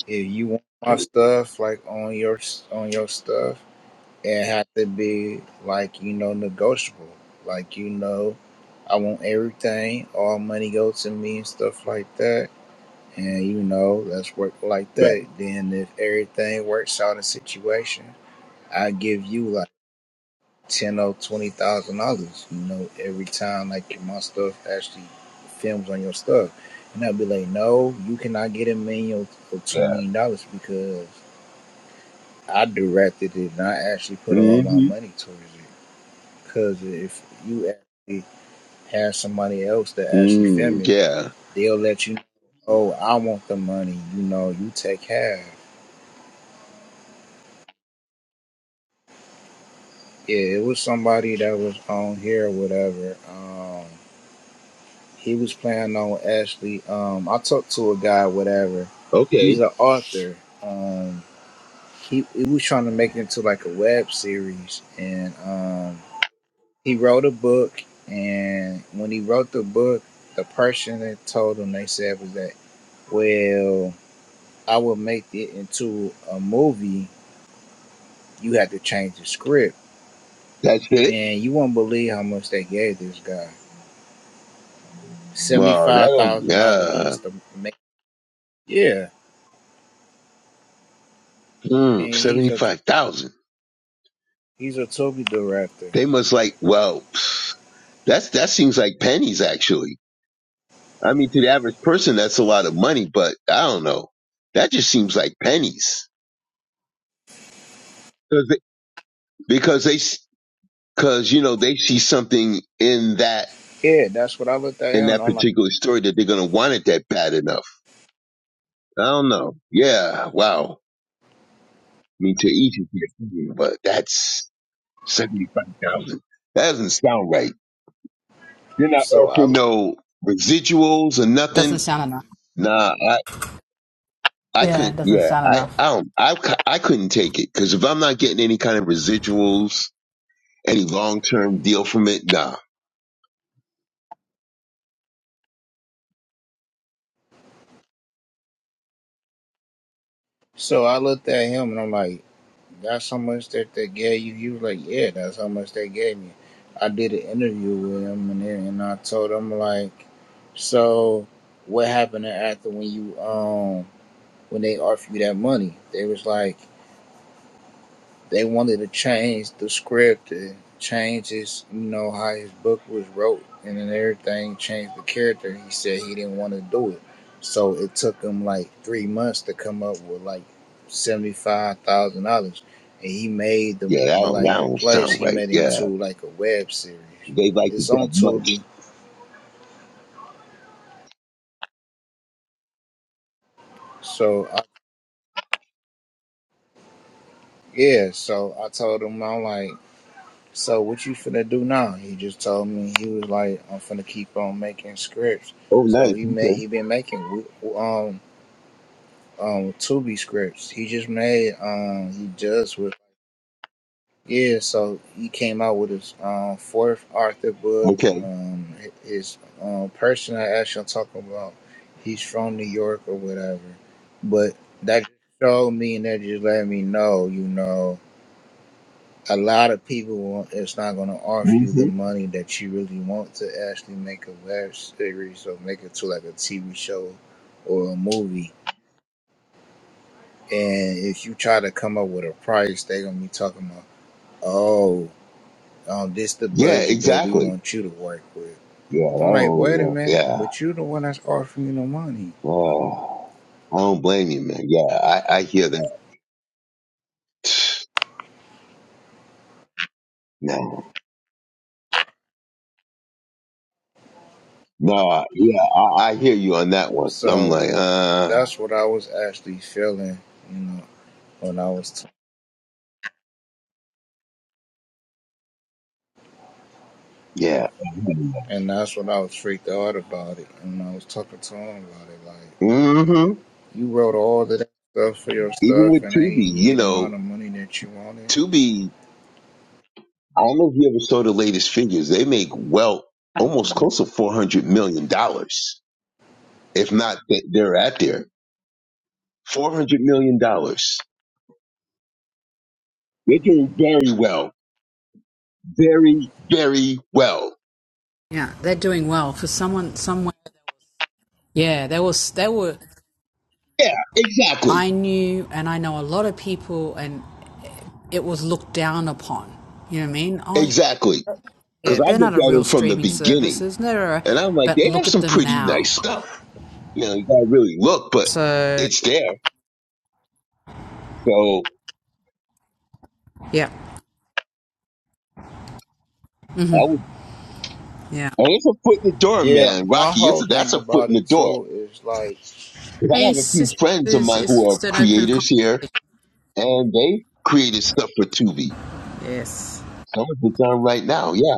C: if you want my stuff like on your on your stuff, it has to be like you know negotiable. Like you know, I want everything. All money goes to me and stuff like that. And you know, let's work like
B: Right.
C: that. Then if everything works out in situation I give you like ten or twenty thousand dollars, you know, every time like my stuff actually films on your stuff. And I'd be like, No, you cannot get a million or two
B: Yeah.
C: million dollars because I directed it and I actually put all my
B: Mm-hmm.
C: money towards it. Because if you actually have somebody else that actually
B: Mm,
C: film it,
B: yeah.
C: they'll let you know, Oh, I want the money, you know, you take half. Yeah, it was somebody that was on here or whatever. Um, He was planning on actually. Um, I talked to a guy, whatever. He's
B: Okay.
C: an author. Um, he, he was trying to make it into like a web series, and um, he wrote a book. And when he wrote the book, the person that told him they said was that, well, I will make it into a movie. You have to change the script,
B: That's it.
C: and you won't believe how much they gave this guy seventy
B: Wow. That
C: five
B: don't.
C: thousand dollars
B: Yeah.
C: just to make. Yeah,
B: Mm,
C: and he's a
B: Seventy-five thousand.
C: He's a Toby director.
B: They must like. Well. That's that seems like pennies actually. I mean, to the average person, that's a lot of money, but I don't know. That just seems like pennies 'Cause they- because they because you know they see something in that
C: Yeah, that's what I looked at
B: in
C: him and
B: that
C: I'm like,
B: particular story that they're gonna want it that bad enough. I don't know. Yeah, wow. I mean, to each his opinion, but that's seventy five thousand. That doesn't sound right. They're not
C: so
B: offering
C: I
B: no residuals or
A: doesn't
B: nothing.
A: sound enough.
B: Nah, I
A: Yeah,
B: couldn't.
A: doesn't
B: Yeah,
A: sound
B: I
A: enough.
B: I don't, I cou- I couldn't take it because if I'm not getting any kind of residuals, any long term deal from it, nah.
C: so I looked at him and I'm like, that's how much that they gave you. He was like, yeah, that's how much they gave me. I did an interview with him and then, and I told him like, so what happened after when you um when they offered you that money? They was like. they wanted to change the script and change his, you know, how his book was wrote and then everything, changed the character. He said he didn't want to do it. So it took him like three months to come up with like $75,000. And he made the,
B: Yeah, that
C: the,
B: don't,
C: like
B: that
C: the
B: don't
C: place,
B: sound
C: he
B: right.
C: made it
B: Yeah,
C: into like a web series.
B: they liked it
C: It's on
B: that much.
C: Tubi. So I, yeah, so I told him, I'm like, So what you finna do now? He just told me he was like, I'm finna keep on making scripts.
B: Oh,
C: So
B: nice.
C: he made
B: Okay,
C: he been making um um Tubi scripts. He just made um he just was yeah. So he came out with his um fourth Arthur book.
B: okay.
C: Um his um person I actually talking about. He's from New York or whatever, but that just showed me and that just let me know, you know a lot of people want, it's not going to offer you the
B: hmm
C: money that you really want to actually make a web series or make it to like a TV show or a movie. And if you try to come up with a price, they're going to be talking about, oh, um, this the
B: Yeah,
C: budget that we
B: exactly.
C: want you to work with.
B: Yeah, I
C: I'm like, wait a
B: don't.
C: minute,
B: Yeah.
C: but you the one that's offering you the money.
B: Oh, I don't blame you, man. Yeah, I I hear that. No, no. Yeah, I, I hear you on that one. I'm
C: So
B: like, uh,
C: that's what I was actually feeling, you know, when I was, t-
B: yeah.
C: and that's what I was freaked out about it. And I was talking to him about it, like,
B: hmm
C: You wrote all of that stuff for your
B: Even
C: stuff,
B: with
C: and they
B: Tubi,
C: didn't give
B: you
C: you the amount
B: know,
C: of money that you wanted.
B: Tubi. I don't know if you ever saw the latest figures. They make well almost close to four hundred million dollars, if not th- they're at there. Four hundred million dollars. They're doing very well, very very well.
A: Yeah, they're doing well for someone somewhere. Yeah, there was there were.
B: Yeah, exactly,
A: I knew, and I know a lot of people, and it was looked down upon. You know what I mean? Oh,
B: exactly.
A: yeah,
B: Because I
A: they're not
B: looked
A: a
B: at them
A: real
B: from the
A: streaming
B: beginning,
A: services. They're a,
B: and I'm like,
A: but
B: they have
A: look at
B: some
A: them
B: pretty
A: now.
B: nice stuff. You know, you gotta really look, but
A: So
B: it's there. So
A: yeah,
B: I would.
A: yeah.
B: And it's a foot in the door,
C: Yeah,
B: man,
C: my
B: Rocky. It's
C: whole
B: a, that's
C: thing
B: a foot
C: about
B: in the
C: it
B: door.
C: too is like,
B: Because I
A: Hey,
B: have a few
A: sister
B: friends of
A: Suze,
B: mine
C: the,
A: it's
B: who are
A: just an open
B: creators here,
A: conversation.
B: and they created stuff for Tubi.
A: Yes.
B: Some of it's on right now. Yeah.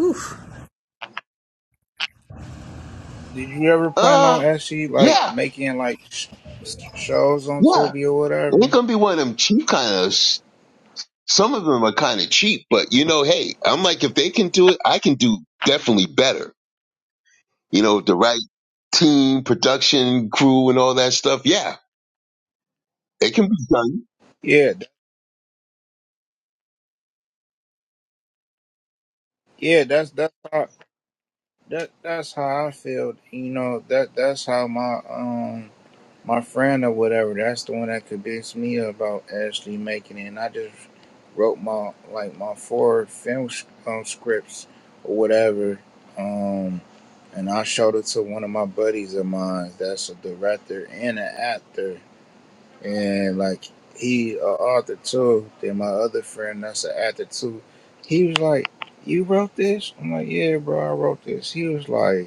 A: Oof.
C: did you ever plan on
B: Uh,
C: actually like
B: yeah,
C: making like sh- shows on
B: yeah.
C: Tubi or
B: It ain't
C: whatever?
B: gonna be one of them cheap kind of. s- Some of them are kind of cheap, but you know, hey, I'm like, if they can do it, I can do definitely better. You know, the right team, production crew, and all that stuff. Yeah, it can be done.
C: Yeah, th- yeah, that's that's how that that's how I feel. You know that that's how my um my friend or whatever. That's the one that convinced me about actually making it. And I just wrote my like my four film um, scripts or whatever, um, and I showed it to one of my buddies of mine. That's a director and an actor, and like he a author too. Then my other friend that's an actor too. He was like, "You wrote this?" I'm like, "Yeah, bro, I wrote this." He was like.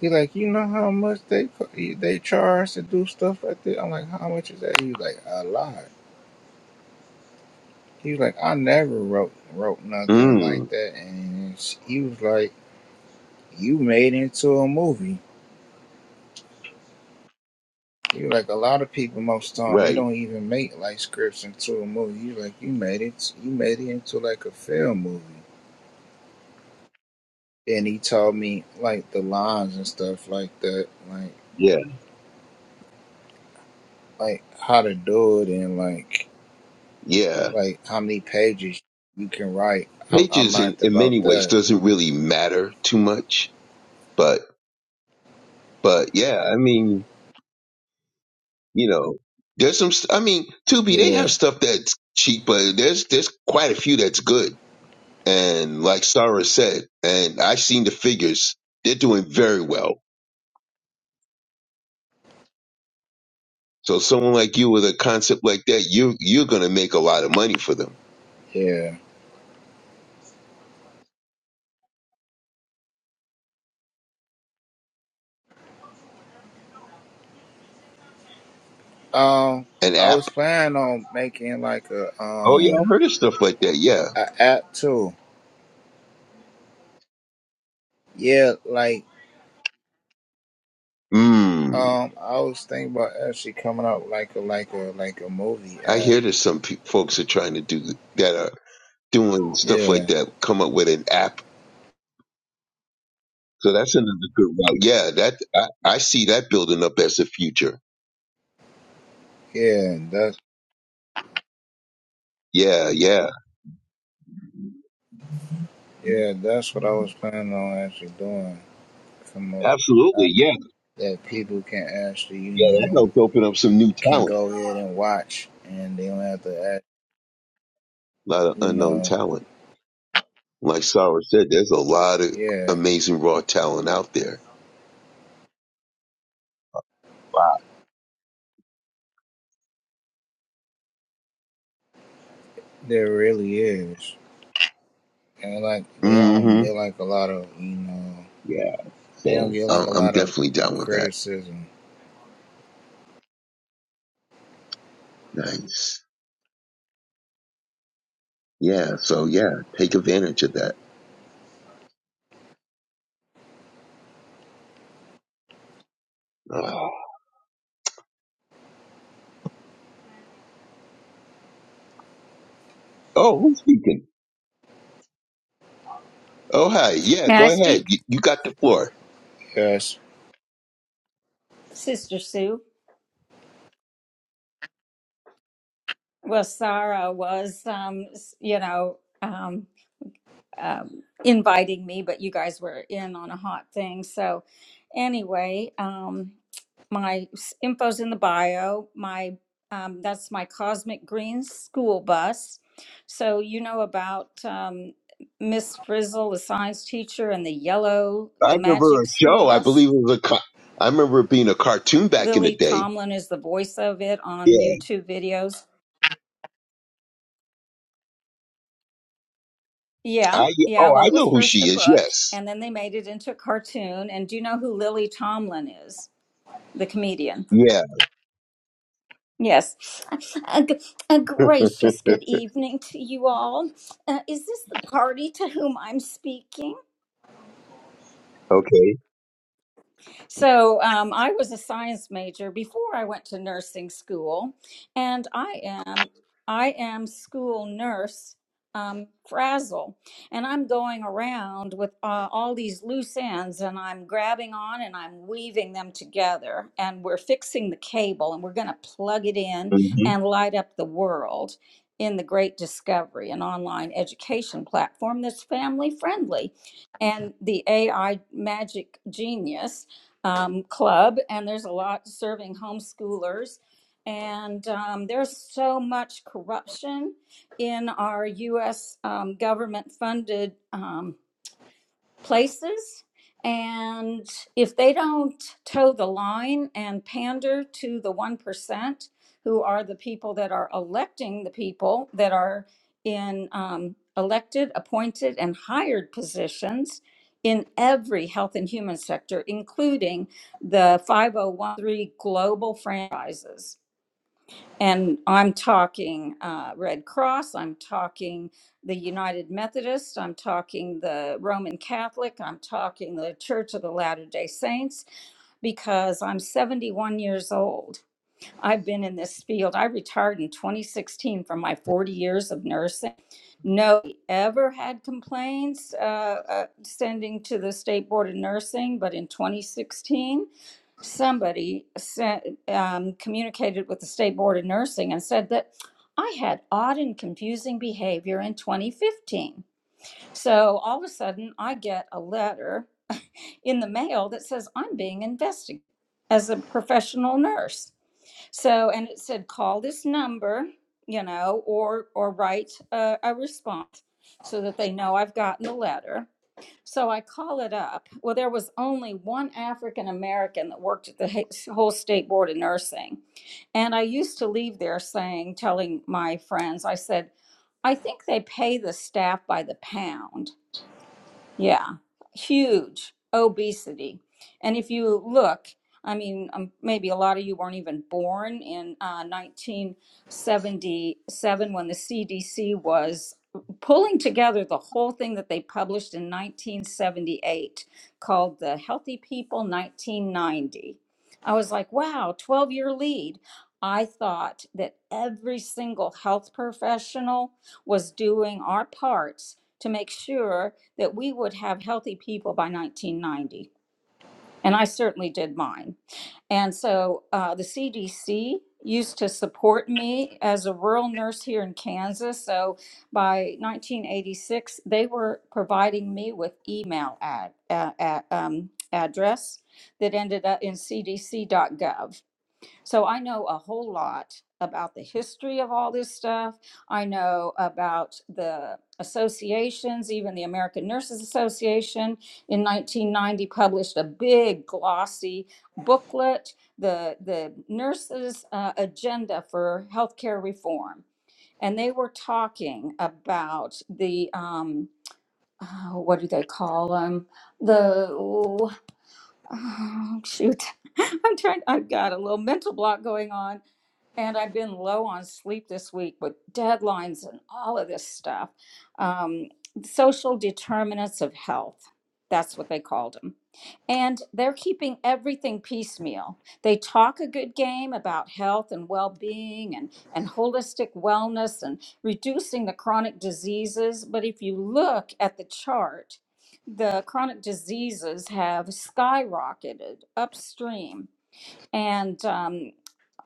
C: He like, you know how much they they charge to do stuff like that. I'm like, how much is that? He was like, a lot. He was like, I never wrote wrote nothing
B: Mm,
C: like that. And he was like, you made into a movie. He was like, a lot of people most of the time they
B: right.
C: don't even make like scripts into a movie. He was like, you made it, you made it into like a film movie. And he told me like the lines and stuff like that, like
B: Yeah.
C: like how to do it and like
B: Yeah.
C: like how many pages you can write. I, I
B: Pages in,
C: learned
B: in
C: about
B: many ways
C: that.
B: doesn't really matter too much, but, but yeah, I mean, You know, there's some. st- I mean, Tubi they have
C: Yeah,
B: stuff that's cheap, but there's there's quite a few that's good. And like Sarah said, and I've seen the figures, they're doing very well. So someone like you with a concept like that, you you're gonna make a lot of money for them.
C: yeah. Um,
B: An
C: I
B: app?
C: was planning on making like a
B: Oh yeah, I
C: um
B: heard of stuff like that. Yeah.
C: a app too. Yeah, like
B: Hmm.
C: um, I was thinking about actually coming out with like a like a like a movie
B: I
C: app.
B: hear there's some pe- folks are trying to do that are doing stuff like
C: Yeah,
B: that come up with an app. So that's another good route. Yeah, that I, I see that building up as the future.
C: yeah. That's
B: Yeah, yeah,
C: yeah. That's what I was planning on actually doing. Come up with an
B: absolutely.
C: app
B: Yeah,
C: that people can actually you
B: yeah, that
C: know
B: helped open up some new
C: can
B: talent,
C: go ahead and watch, and they don't have to act.
B: a lot of
C: You
B: unknown
C: know,
B: talent. Like Sarah said, there's a lot of
C: yeah.
B: amazing raw talent out there. Wow.
C: There really is. And like they don't
B: hmm
C: get like a lot of you know
B: Yeah.
C: they don't
B: So
C: get like
B: I'm,
C: a
B: I'm
C: lot of
B: definitely down with that.
C: criticism.
B: Nice. Yeah. So yeah, take advantage of that. Ah. Oh, who's speaking? Oh, hi. Yeah,
D: May
B: go
D: I
B: ahead.
D: speak?
B: You, you got the floor.
C: Yes.
D: Sister Sue. Well, Sarah was, um, s- you know, um, um, inviting me, but you guys were in on a hot thing. So, anyway, um, my s- info's in the bio. My um, that's my Cosmic Green school bus. So you know about um, Miss Frizzle, the science teacher, and the yellow,
B: I
D: the
B: remember
D: magic
B: a
D: school
B: show. I believe
D: bus.
B: it was a. Ca- I remember it being a cartoon back in the
D: Lily
B: day.
D: Tomlin is the voice of it on
B: Yeah.
D: YouTube videos Yeah,
B: I.
D: yeah.
B: Oh,
D: Well,
B: I
D: it was
B: know who
D: first
B: she
D: a
B: is.
D: book,
B: Yes.
D: and then they made it into a cartoon. And do you know who Lily Tomlin is? The comedian.
B: Yeah.
D: Yes. A, g- a gracious good evening to you all. Uh, is this the party to whom I'm speaking?
B: Okay.
D: So um, I was a science major before I went to nursing school, and I am I am school nurse um, frazzle, and I'm going around with uh, all these loose ends, and I'm grabbing on and I'm weaving them together, and we're fixing the cable, and we're going to plug it in
B: hmm
D: and light up the world. In the Great Discovery, an online education platform that's family friendly. And the AI magic genius um, club, and there's a lot serving homeschoolers. And um, there's so much corruption in our U.S. Um, government funded. um, places. And if they don't toe the line and pander to the 1%, who are the people that are electing the people that are in um, elected, appointed, and hired positions in every health and human sector, including the 5013 global franchises and I'm talking uh, Red Cross, I'm talking the United Methodist, I'm talking the Roman Catholic, I'm talking the Church of the Latter day Saints, because I'm 71 years old I've been in this field. I retired in 2016 from my 40 years of nursing. Nobody ever had complaints uh, uh, sending to the State Board of Nursing, but in 2016, somebody sent, um, communicated with the State Board of Nursing and said that I had odd and confusing behavior in 2015. So all of a sudden, I get a letter in the mail that says I'm being investigated as a professional nurse. So, and it said, call this number, you know, or, or write a, a response so that they know I've gotten the letter. So I call it up. Well, there was only one African American that worked at the ha- whole state board of nursing. And I used to leave there saying, telling my friends, I said, I think they pay the staff by the pound. Yeah, huge obesity. And if you look, I mean, um, maybe a lot of you weren't even born in uh, 1977 when the CDC was pulling together the whole thing that they published in 1978 called the Healthy People 1990. I was like, wow, 12 year lead. I thought that every single health professional was doing our parts to make sure that we would have healthy people by 1990. And I certainly did mine. And so uh, the CDC used to support me as a rural nurse here in Kansas. So by 1986, they were providing me with email ad, uh, uh, um, address that ended up in cdc.gov. So I know a whole lot about the history of all this stuff. I know about the associations, even the American Nurses Association in 1990 published a big glossy booklet, the, the nurses' uh, agenda for healthcare reform. And they were talking about the, um, uh, what do they call them? The Oh, shoot. I'm trying, I've got a little mental block going on, and I've been low on sleep this week with deadlines and all of this stuff. Um, social determinants of health. That's what they called them. And they're keeping everything piecemeal. They talk a good game about health and well being and, and holistic wellness and reducing the chronic diseases. But if you look at the chart, the chronic diseases have skyrocketed upstream and um,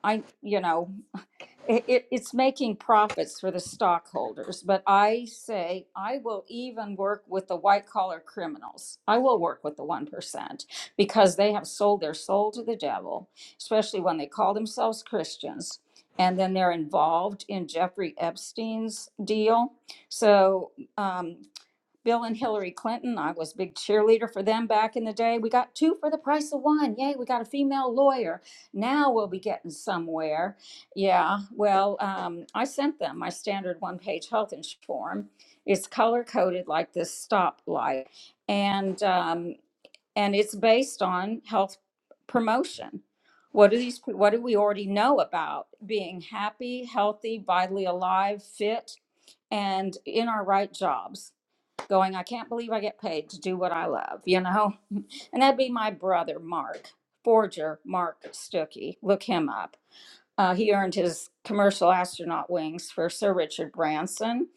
D: i you know it, it, it's making profits for the stockholders but i say i will even work with the white collar criminals i will work with the 1% because they have sold their soul to the devil especially when they call themselves christians and then they're involved in jeffrey epstein's deal so um, Bill and Hillary Clinton. I was a big cheerleader for them back in the day. We got two for the price of one. Yay, we got a female lawyer. Now we'll be getting somewhere. Yeah, well, um, I sent them my standard one page health insurance form. It's color coded like this stoplight, and um, and it's based on health promotion. What do these? What do we already know about being happy, healthy, vitally alive, fit, and in our right jobs? going, I can't believe I get paid to do what I love, you know? And that'd be my brother, Mark, forger Mark Stuckey. Look him up. Uh, he earned his commercial astronaut wings for Sir Richard Branson.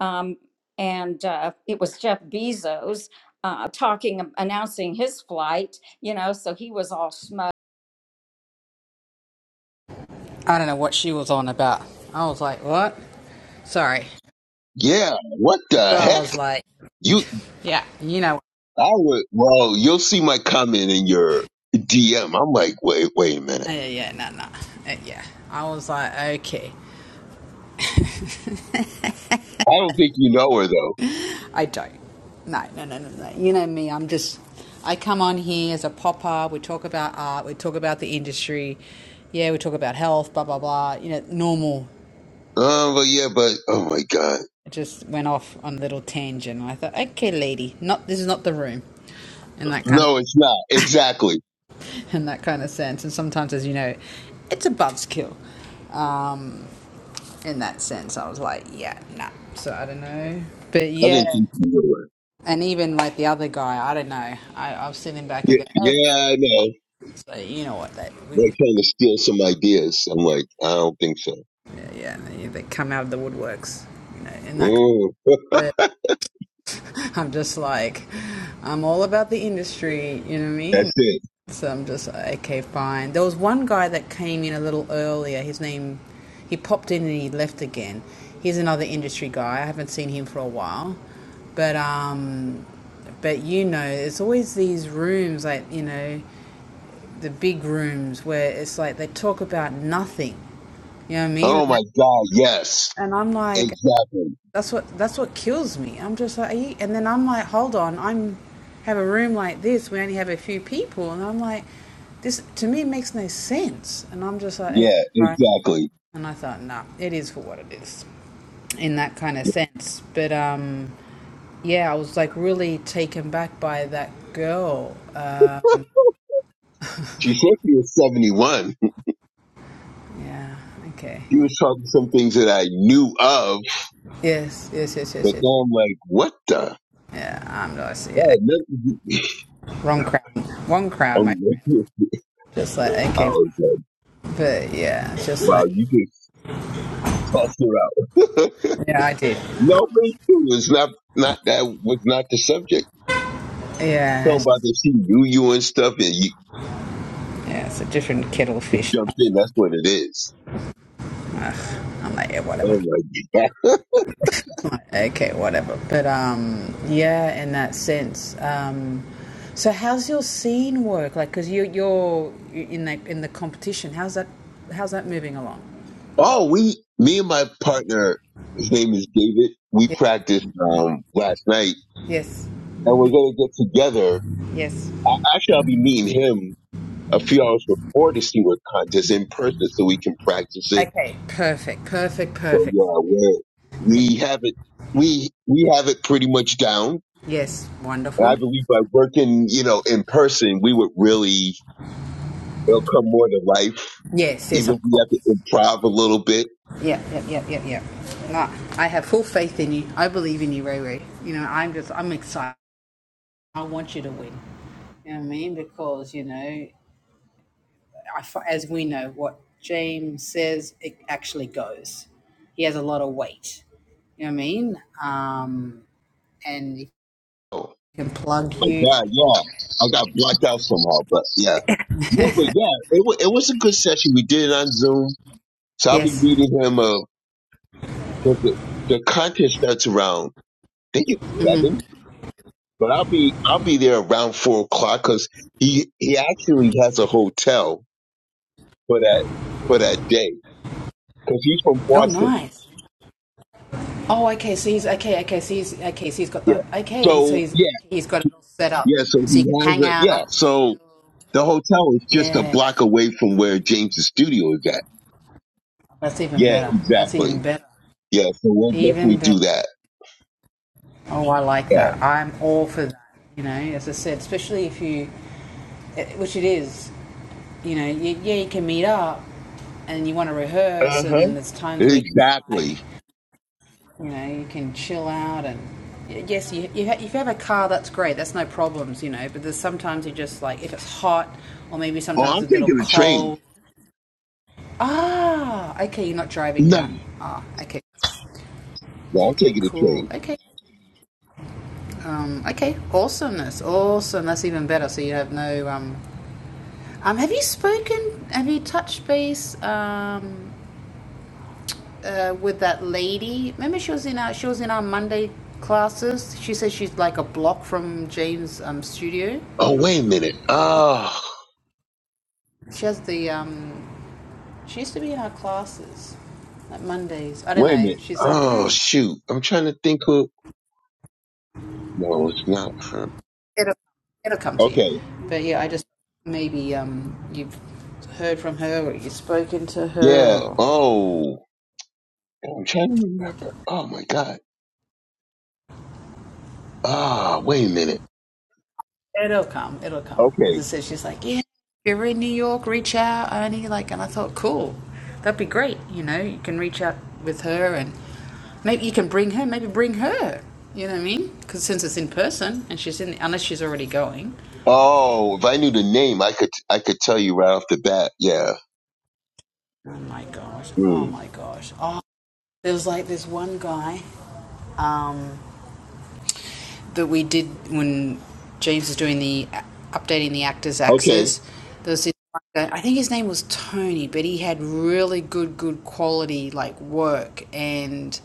D: Um, and uh, it was Jeff Bezos uh, talking, announcing his flight, you know, so he was all smug.
A: I don't know what she was on about. I was like, what? Sorry.
B: Yeah, what
A: So
B: the
A: I
B: heck?
A: was like,
B: You,
A: yeah, you know,
B: I would, well, you'll see my comment in your DM. I'm like, wait, wait a
A: uh,
B: minute.
A: yeah, no, no, uh, yeah. I was like, okay,
B: I don't think you know her though.
A: I don't. No, no, no, no, no. You know me, I'm just, I come on here as a popper. We talk about art, we talk about the industry. Yeah, we talk about health, blah, blah, blah. You know, normal.
B: Um, but yeah, but, oh my God.
A: It just went off on a little tangent. I thought, okay, lady, not this is not the room in that kind
B: No,
A: of
B: it's not. Exactly.
A: in that kind of sense. And sometimes, as you know, it's a buzzkill. Um, in that sense. I was like, yeah, nah. So I don't know. But
B: I
A: yeah.
B: didn't think you knew her.
A: And even like the other guy, I don't know. I, I was sitting back and go,
B: Yeah,
A: okay.
B: yeah, I know.
A: So you know what? They, we,
B: They're trying to steal some ideas. I'm like, I don't think so.
A: yeah, yeah, they, they come out of the woodworks, you know, in that.
B: Mm.
A: But I'm just like, I'm all about the industry, you know what I mean?
B: That's it.
A: So I'm just like, okay, fine. There was one guy that came in a little earlier. His name, he popped in and he left again. He's another industry guy. I haven't seen him for a while. But um, But you know, it's always these rooms, like, you know, the big rooms where it's like they talk about nothing. You know what I mean?
B: Oh my God. Yes.
A: And I'm like,
B: Exactly.
A: that's what that's what kills me. I'm just like, are you? and then I'm like, hold on, I'm have a room like this. We only have a few people, and I'm like, this to me makes no sense. And I'm just like, okay,
B: Yeah,
A: fine.
B: exactly.
A: And I thought, nah, it is for what it is, in that kind of sense. But um, yeah, I was like really taken back by that girl.
B: She said she was 71.
A: Yeah. Okay.
B: He was talking some things that I knew of,
A: Yes. Yes. Yes.
B: but
A: Yes. Yes.
B: now I'm like, what the?
A: Yeah. I'm lost. Yeah.
B: Wow, never,
A: Wrong crowd. Wrong crowd, my
B: I'm
A: friend.
B: like,
A: Just like
B: I
A: okay,
B: was like,
A: but yeah, just
B: wow,
A: like
B: you just tossed it out.
A: yeah, I did.
B: no, but it's true. It's not, not that was not the subject.
A: Yeah.
B: Talking
A: It's
B: about
A: just,
B: that she knew you and stuff, and you
A: yeah. It's a different kettle of fish.
B: jumped in. That's what it is.
A: I'm like yeah, whatever.
B: Oh my god!
A: I'm like, okay, whatever. But um, yeah, in that sense, um. So how's your scene work? Like, cause you're you're in the in the competition. How's that? How's that moving along?
B: Oh, we, me and my partner, his name is David. We
A: Yes,
B: practiced um last night,
A: yes,
B: and we're gonna get together.
A: yes.
B: I, I shall be meeting him a few hours before to see what contest in person so we can practice it.
A: Okay, perfect, perfect,
B: So
A: perfect. So,
B: yeah,
A: yeah.
B: we we have it we we have it pretty much down.
A: Yes,
B: And I
A: wonderful.
B: believe by working, you know, in person, we would really it'll come more to life.
A: Yes, yes,
B: Even if
A: of
B: we have
A: course.
B: to improv a little bit.
A: Yeah, yeah, yeah, yeah, yeah. No, I have full faith in you. I believe in you, Ray Ray. You know, I'm just, I'm excited. I want you to win. You know what I mean? Because, you know, I f as we know, what James says, it actually goes. He has a lot of weight. You know what I mean? Um, and he
B: Oh
A: can plug
B: my
A: you.
B: god, yeah. I got blocked out somehow, but yeah. No, but yeah, it, wa it was a good session. We did it on Zoom. So I'll be
A: Yes.
B: meeting him uh 'cause the, the contest starts around I think it's seven But I'll be I'll be there around four o'clock because he he actually has a hotel for that for that day because he's from
A: Oh,
B: Boston.
A: nice. Oh, okay. So he's okay. Okay. So he's okay. So he's got the
B: Yeah.
A: okay. he- So
B: So
A: he's
B: yeah,
A: okay, he's got it all set up,
B: yeah. So
A: so
B: he
A: you can hang
B: has a yeah.
A: out, chill.
B: So the hotel is just a
A: Yeah,
B: block away from where James's studio is at.
A: that's even
B: Yeah,
A: better. That's
B: exactly.
A: even better.
B: Yeah. So we'll
A: Even
B: definitely do
A: better.
B: that.
A: Oh, I like
B: Yeah.
A: that. I'm all for that. You know, as I said, especially if you, eh, which it is, you know, you, yeah, you can meet up, and you want to rehearse,
B: Uh
A: and
B: huh.
A: then there's times where it's like.
B: Exactly.
A: You know, you can chill out and yes, you, you ha- if you have a car, that's great. That's no problems, you know. But there's sometimes you just like if it's hot, or maybe
B: Oh,
A: sometimes
B: I'm
A: it's a
B: taking
A: little
B: the train.
A: cold. Ah, okay, you're not driving
B: No,
A: down. Ah, okay,
B: no, I'm
A: okay,
B: taking the
A: cool,
B: train.
A: okay, um, okay, awesomeness, awesome. That's even better. So you have no um, um. Have you spoken? Have you touched base um uh, with that lady. Remember, she was in our she was in our Monday classes. She says she's like a block from James' um, studio.
B: Oh, wait a minute. Oh,
A: She has the um, she used to be in our classes, like Mondays. I don't
B: wait a
A: know.
B: minute.
A: She's like, yeah,
B: Oh, shoot. I'm trying to think who. No, it's not for.
A: it'll it'll come to you.
B: Okay.
A: But yeah, I just maybe um, you've heard from her or you've spoken to her
B: Yeah.
A: or.
B: Oh, I'm trying to remember. Oh my God. Ah, wait a minute.
A: It'll come. It'll come. As I
B: Okay.
A: said, she's like, yeah, if you're in New York, reach out, Ernie. Like, and I thought, cool, that'd be great. You know, you can reach out with her, and maybe you can bring her. Maybe bring her. You know what I mean? Because since it's in person, and she's in, unless she's already going.
B: Oh, if I knew the name, I could I could tell you right off the bat. Yeah.
A: Oh my gosh. Oh
B: Mm.
A: my gosh. Oh, there was like this one guy. um, that we did when James was doing the updating the actors'
B: Okay.
A: axis. There was this, I think his name was Tony, but he had really good, good quality like work, and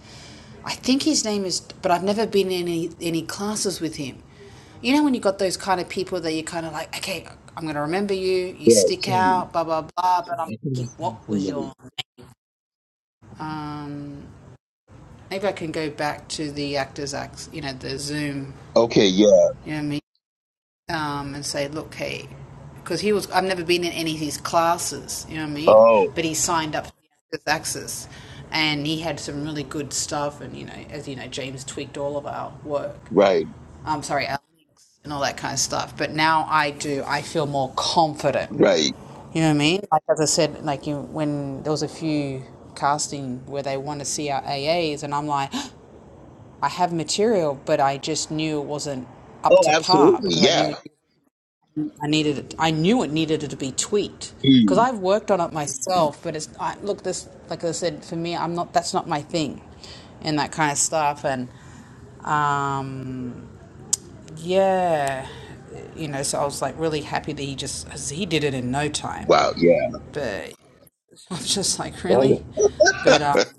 A: I think his name is. But I've never been in any any classes with him. You know when you got those kind of people that you're kind of like, okay, I'm gonna remember you. You
B: Yeah.
A: stick
B: tell me.
A: out, blah blah blah. But I'm
B: I think that
A: thinking,
B: sounds
A: what was
B: familiar.
A: your? name? Um, maybe I can go back to the actors' acts. You know the Zoom.
B: Okay. Yeah.
A: You know what I mean? um, and say, look, hey, because he was, I've never been in any of his classes, you know what I mean?
B: Oh,
A: But he signed up with Access and he had some really good stuff. And, you know, as you know, James tweaked all of our work.
B: right.
A: I'm sorry, our links and all that kind of stuff. But now I do, I feel more confident.
B: Right.
A: You know what I mean? Like, as I said, like, you, know, when there was a few casting where they want to see our AAs, and I'm like, I have material, but I just knew it wasn't up
B: Oh,
A: to par
B: absolutely.
A: because I knew
B: Yeah.
A: it I needed it. I knew it needed it to be tweaked because
B: Mm.
A: I've worked on it myself. But it's I, look this like I said for me, I'm not. That's not my thing, and that kind of stuff. And um, yeah, you know. So I was like really happy that he just 'cause he did it in no time.
B: Wow. Yeah.
A: But I'm just like
B: Oh,
A: really, but. Um,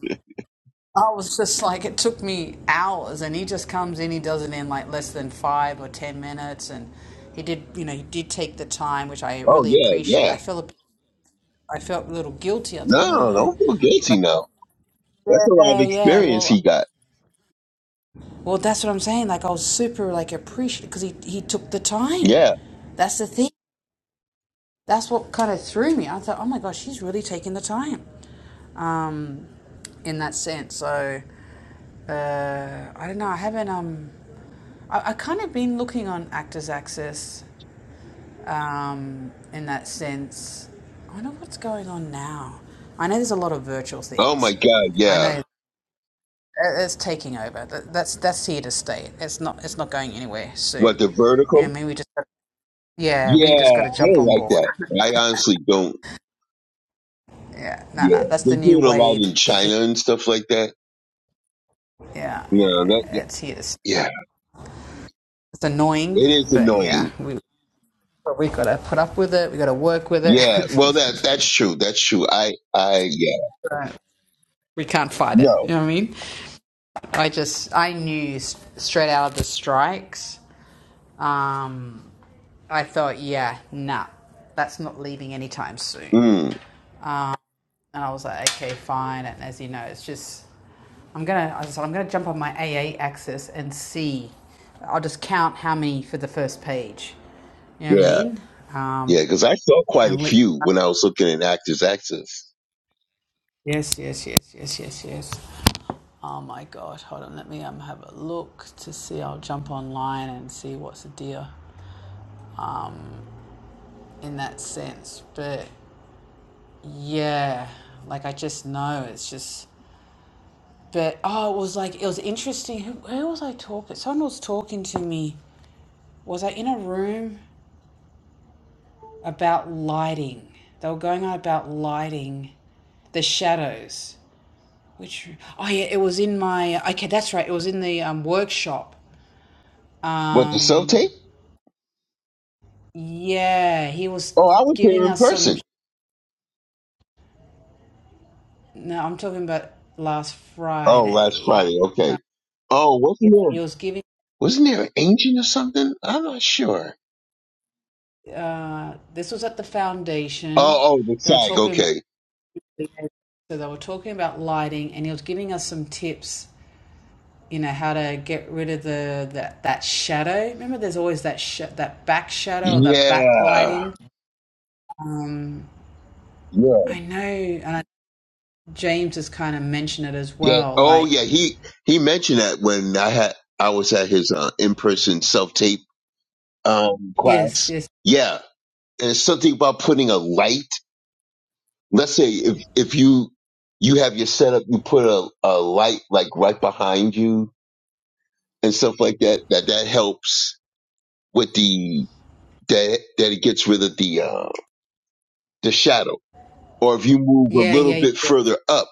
A: I was just like, it took me hours, and he just comes in, he does it in like less than five or ten minutes, and he did, you know, he did take the time, which I
B: oh
A: really
B: yeah.
A: appreciate. I
B: Yeah.
A: felt, a- I felt a little guilty. I
B: No,
A: thought, no, no, no,
B: don't feel
A: but I
B: guilty now.
A: thought,
B: That's a lot of
A: yeah, yeah,
B: experience
A: well,
B: he got.
A: well, that's what I'm saying. Like I was super like appreciative because he he took the time.
B: Yeah.
A: That's the thing. that's what kind of threw me. I thought, oh my gosh, she's really taking the time um, in that sense. So uh, I don't know. I haven't. Um, I, I kind of been looking on Actors Access um, in that sense. I wonder what's going on now. I know there's a lot of virtual
B: Oh my
A: things.
B: God.
A: I know
B: Yeah.
A: it's taking over. That, that's that's here to stay. It's not it's not going anywhere soon.
B: What the
A: Yeah, I
B: vertical?
A: mean we just yeah we
B: Yeah,
A: just got to
B: I
A: jump
B: don't
A: on
B: like
A: board.
B: that. I honestly don't.
A: Yeah, no, no,
B: Yeah,
A: that's
B: they
A: the
B: do
A: new
B: it a lot
A: wave.
B: in
A: You think?
B: China and stuff like that.
A: Yeah, yeah,
B: No,
A: yeah.
B: that
A: yeah,
B: that-
A: It's here.
B: yeah,
A: It's annoying,
B: it is
A: but yeah,
B: annoying.
A: we but we gotta put up with it. We gotta work with
B: Yeah, well that
A: it.
B: that's true. That's true. I I yeah
A: Right. we can't fight it. You
B: no.
A: know what I mean? I just I knew straight out of the strikes. Um, I thought, yeah, nah, that's not leaving anytime soon.
B: Mm,
A: And I was like, okay, fine. And as you know, it's just, I'm gonna, I said, I'm gonna jump on my AA axis and see. I'll just count how many for the first page. You know what I
B: yeah
A: mean? Um,
B: yeah because I saw quite a
A: and li-
B: few when I was looking at Actors Access.
A: yes, yes, yes, yes, yes, yes. Oh my God, hold on. Let me um have a look to see. I'll jump online and see what's the deal. Um, in that sense, but yeah, like I just know it's just. But oh, it was like it was interesting. Who, who was I talking? Someone was talking to me was I in a room about lighting? They were going on about lighting the shadows. Which oh yeah, it was in my okay, that's right. It was in the um, workshop.
B: What the self
A: Um,
B: tape?
A: yeah, he was
B: Oh, I was there
A: giving
B: in
A: us some.
B: person.
A: No, I'm talking about last
B: Oh, last
A: Friday.
B: Friday. Okay. Oh, wasn't
A: He
B: there
A: was giving.
B: wasn't there an agent or something? I'm not sure.
A: Uh, this was at the foundation.
B: Oh oh the
A: They were
B: SAG.
A: talking about.
B: Okay
A: So they were talking about lighting, and he was giving us some tips you know how to get rid of the, the that shadow. Remember, there's always that sh- that back shadow or that
B: Yeah.
A: backlighting. Um,
B: Yeah.
A: I know, and James has kind of mentioned it as
B: Yeah.
A: well.
B: Oh
A: Like,
B: yeah. He he mentioned that when I had I was at his uh, in person self tape um
A: yes,
B: class.
A: yes,
B: Yeah. And it's something about putting a light. Let's say if if you you have your setup, you put a, a light like right behind you and stuff like that, that that helps with the that that it gets rid of the uh the shadow. Or if you move
A: yeah,
B: a little
A: yeah,
B: bit further up,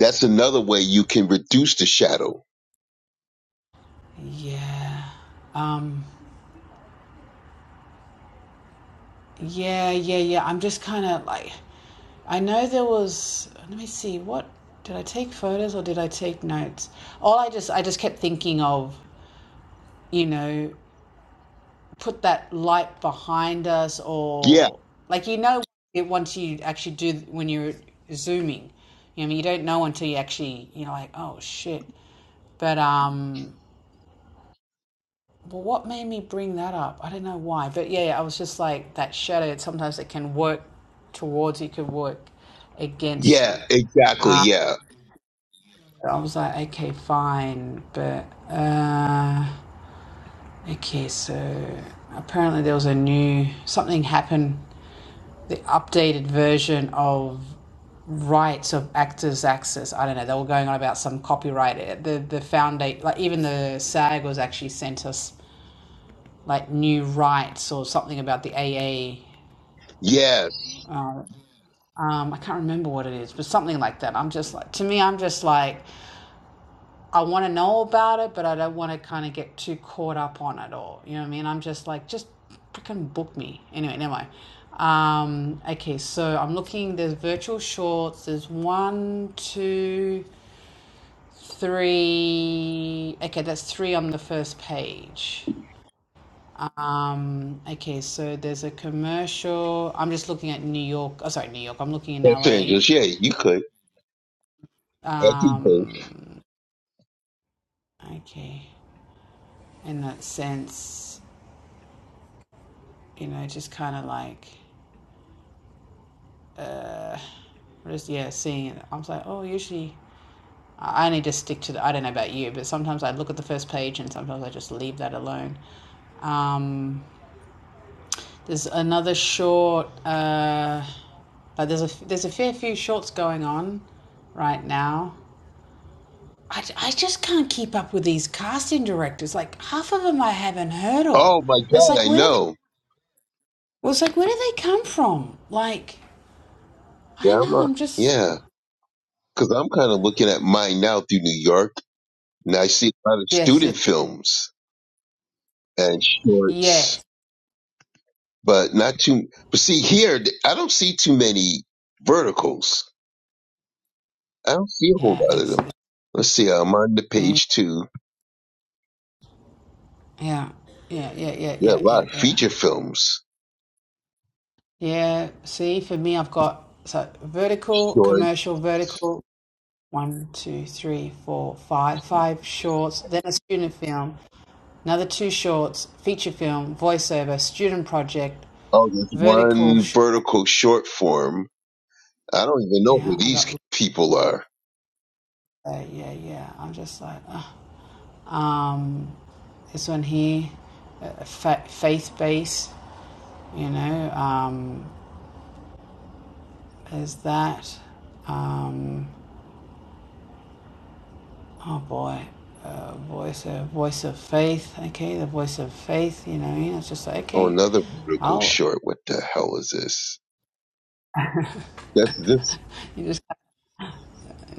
B: that's another way you can reduce the shadow.
A: yeah, um, yeah, yeah, yeah. I'm just kind of like, I know there was. Let me see. What did I take photos or did I take notes? All I just I just kept thinking of you know put that light behind us
B: Yeah,
A: or like you know it once you actually do when you're zooming you know I mean, you don't know until you actually you know, like oh shit but um well, what made me bring that up i don't know why but yeah yeah, i was just like that shadow sometimes it can work towards you could work against
B: Yeah,
A: you
B: exactly.
A: uh,
B: Yeah.
A: i was like okay fine but uh okay so apparently there was a new something happened the updated version of rights of actors access i don't know they were going on about some copyright eh, the the foundation like even the sag was actually sent us like new rights or something about the aa
B: Yeah.
A: uh, um i can't remember what it is but something like that i'm just like to me i'm just like I want to know about it, but I don't want to kind of get too caught up on it or, you know what I mean? I'm just like, just freaking book me. Anyway, anyway. Um, okay, so I'm looking, there's virtual shorts, there's one, two, three. Okay, that's three on the first page. Um, okay, so there's a commercial. I'm just looking at New York. Oh, sorry, New York. I'm looking in
B: Los
A: LA.
B: Angeles. Yeah, you could. I think so.
A: Um, okay, in that sense, you know, just kind of like uh, just yeah, seeing it. I'm like, oh, usually I only just stick to the. I don't know about you, but sometimes I look at the first page and sometimes I just leave that alone. Um, there's another short. Uh, like there's a there's a fair few shorts going on right now. I I just can't keep up with these casting directors. Like half of them I haven't heard of.
B: Oh my
A: It's
B: God,
A: like
B: I
A: where do they?
B: know.
A: Well, it's like where do they come from? Like I
B: Yeah,
A: don't
B: I'm
A: know.
B: a,
A: I'm just
B: yeah. Cause I'm kind of looking at mine now through New York and I see a lot of
A: yes, yes,
B: student films and
A: yes.
B: shorts, but not too, but see here, th- I don't see too many verticals. I don't see a whole
A: Yeah,
B: lot of
A: it's
B: them. Let's see. I'm on the
A: yeah,
B: page two.
A: yeah, yeah, yeah, yeah,
B: Yeah, a
A: yeah,
B: lot
A: yeah,
B: of
A: yeah.
B: feature films,
A: Yeah, see, for me, I've got so vertical,
B: short.
A: commercial, vertical, one, two, three, four, five, five shorts, then a student film, another two shorts, feature film, voiceover, student project,
B: Oh, there's
A: vertical.
B: one
A: Sh-
B: vertical short form I don't even know who
A: yeah, I got,
B: these people are.
A: uh, yeah, yeah. I'm just like, uh. um, this one here, uh, fa- faith base, you know, um, is that. Um, oh boy, uh, voice of voice of faith. Okay, the voice of faith. You know, what I mean? it's just like
B: Oh,
A: okay,
B: another vertical
A: I'll
B: short. What the hell is this? That's this.
A: you just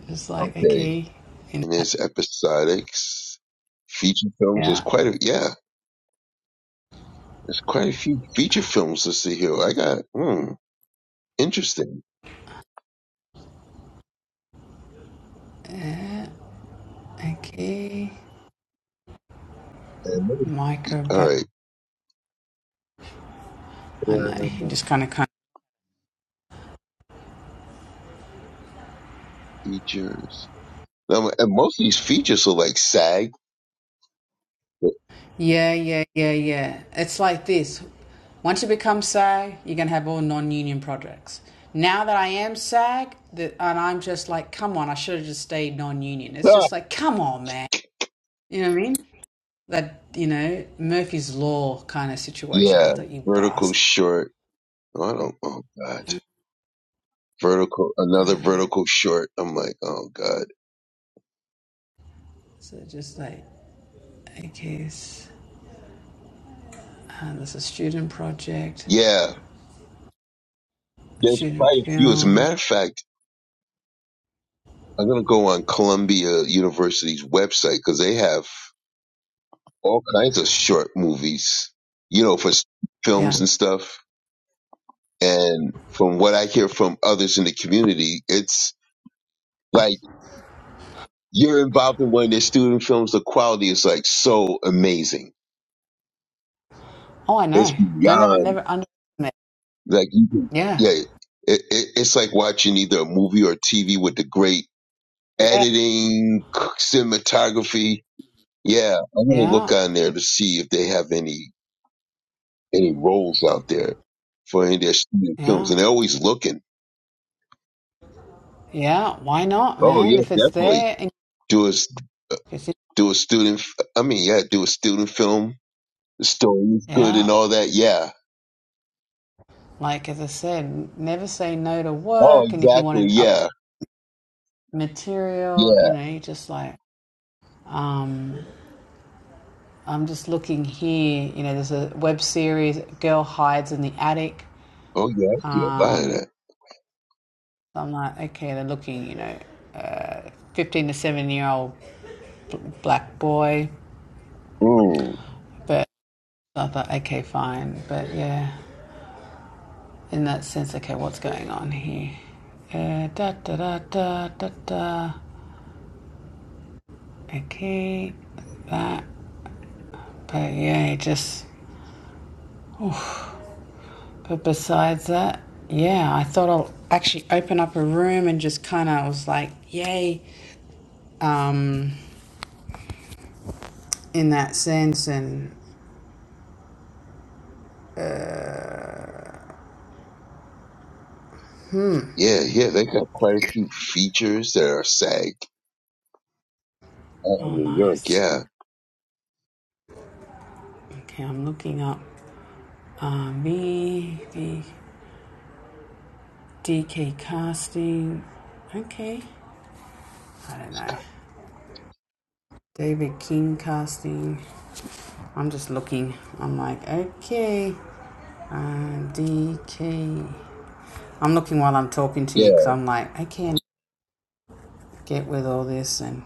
A: just like
B: Okay.
A: okay, in
B: And
A: that
B: there's episodics. Feature films. There's
A: yeah,
B: quite a, yeah, there's quite a few feature films listed here. I got, hmm, interesting.
A: yeah, okay,
B: And let
A: micro
B: All
A: but
B: right.
A: I know
B: Uh,
A: you just kind of kind
B: Features. Now, and most of these features are like SAG. But,
A: yeah yeah yeah yeah. It's like this. Once you become SAG, you're gonna have all non-union projects. Now that I am SAG, that and I'm just like, come on, I should have just stayed non-union. It's
B: Ah,
A: just like, come on, man. You know what I mean? that you know Murphy's Law kind of situation. I
B: yeah.
A: thought you
B: Vertical
A: bastard.
B: short. Oh, I don't, oh God. Vertical, another vertical short. I'm like, oh God.
A: So just like a case. Uh, there's a student project,
B: Yeah, there's quite
A: student
B: a few. As a
A: film.
B: matter of fact, I'm gonna go on Columbia University's website because they have all kinds of short movies, you know, for s-
A: Yeah.
B: films and stuff. And from what I hear from others in the community, it's like you're involved in one of their student films. The quality is like so amazing.
A: Oh, I
B: It's
A: know. Don't ever,
B: beyond
A: never underestimate.
B: like you can,
A: Yeah.
B: yeah. It, it, it's like watching either a movie or TV with the great
A: Yeah.
B: editing, cinematography, Yeah, I'm gonna
A: Yeah.
B: look on there to see if they have any any roles out there for any of their student films,
A: Yeah.
B: and they're always looking.
A: Yeah. Why not,
B: Oh
A: man?
B: yeah,
A: If it's
B: definitely
A: there, and
B: do a s-
A: it's in,
B: do a student. f- I mean, yeah, do a student film. The story is good
A: yeah.
B: and all that. Yeah.
A: Like as I said, never say no to
B: Oh,
A: work, and if you
B: exactly.
A: want to up
B: Yeah.
A: material,
B: Yeah.
A: you know, you just like um I'm just looking here. You know, there's a web series, Girl Hides in the Attic.
B: Oh yeah, I see a lot of
A: Um,
B: that.
A: I'm like, okay, they're looking, you know, 15 to 7 year old black boy.
B: Mm.
A: But I thought, okay, fine. But yeah, in that sense, okay, what's going on here? Uh, da da da da da da. Okay, that. But yeah, just. But besides that, yeah, I thought I'll actually open up a room and just kind of was like, yay. Um, in that sense. And
B: Yeah, yeah, they got quite a few features that are SAG out in
A: oh,
B: New York.
A: nice.
B: Yeah.
A: Okay, I'm looking up uh, V DK casting. Okay, I don't know. David King casting. I'm just looking. I'm like, okay, uh, DK. I'm looking while I'm talking to you
B: Yeah.
A: because I'm like, I can't get with all this and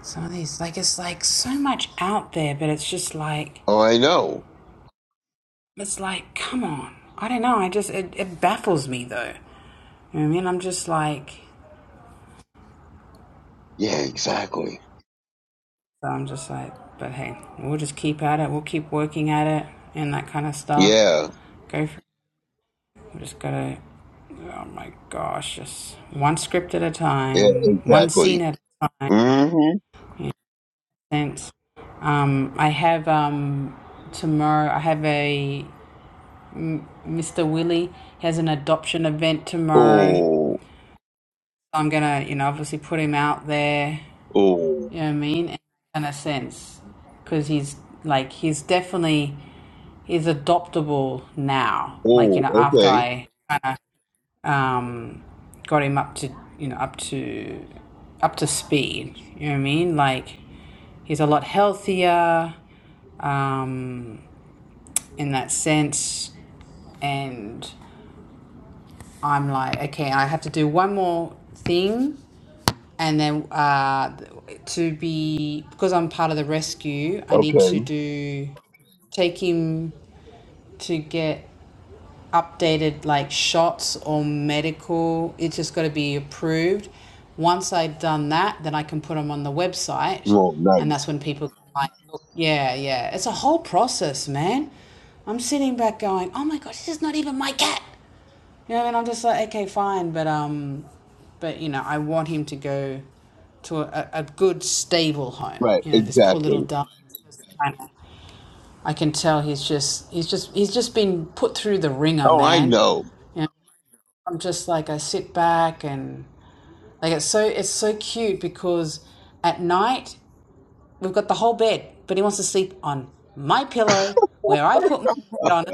A: some of these. Like, it's like so much out there, but it's just like,
B: Oh, I know.
A: it's like, come on. I don't know. I just, it, it baffles me though. You know I mean, I'm just like,
B: Yeah, exactly.
A: so I'm just like, but hey, we'll just keep at it. We'll keep working at it and that kind of stuff.
B: Yeah.
A: Go for it. We just gotta, oh my gosh, just one script at a
B: Yeah,
A: time, one
B: exactly.
A: scene at a time.
B: Mm-hmm.
A: You know, sense. Um, I have um, tomorrow. I have a Mr. Willie has an adoption event tomorrow.
B: Oh,
A: So I'm gonna, you know, obviously put him out there
B: oh,
A: You know what I mean? In a kind of sense, because he's like he's definitely he's adoptable now. Like you
B: oh,
A: know, after
B: okay,
A: I kind of um, got him up to you know up to up to speed. You know what I mean? Like he's a lot healthier um, in that sense, and I'm like, okay, I have to do one more thing and then uh, to be because I'm part of the rescue, I need to
B: okay.
A: do take him to get updated like shots or medical. It's just got to be approved. Once I've done that, then I can put them on the website,
B: Oh,
A: and that's
B: nice.
A: when people can like, look, yeah, yeah. It's a whole process, man. I'm sitting back going, oh my gosh, this is not even my cat. You know what I mean? I'm just like, okay, fine, but um, but you know, I want him to go to a, a good, stable home.
B: Right,
A: You know, this poor
B: exactly.
A: little darling. I can tell he's just he's just he's just been put through the ringer,
B: Oh, I
A: man.
B: know.
A: You know, I'm just like I sit back and like it's so it's so cute because at night we've got the whole bed, but he wants to sleep on my pillow where I put my head on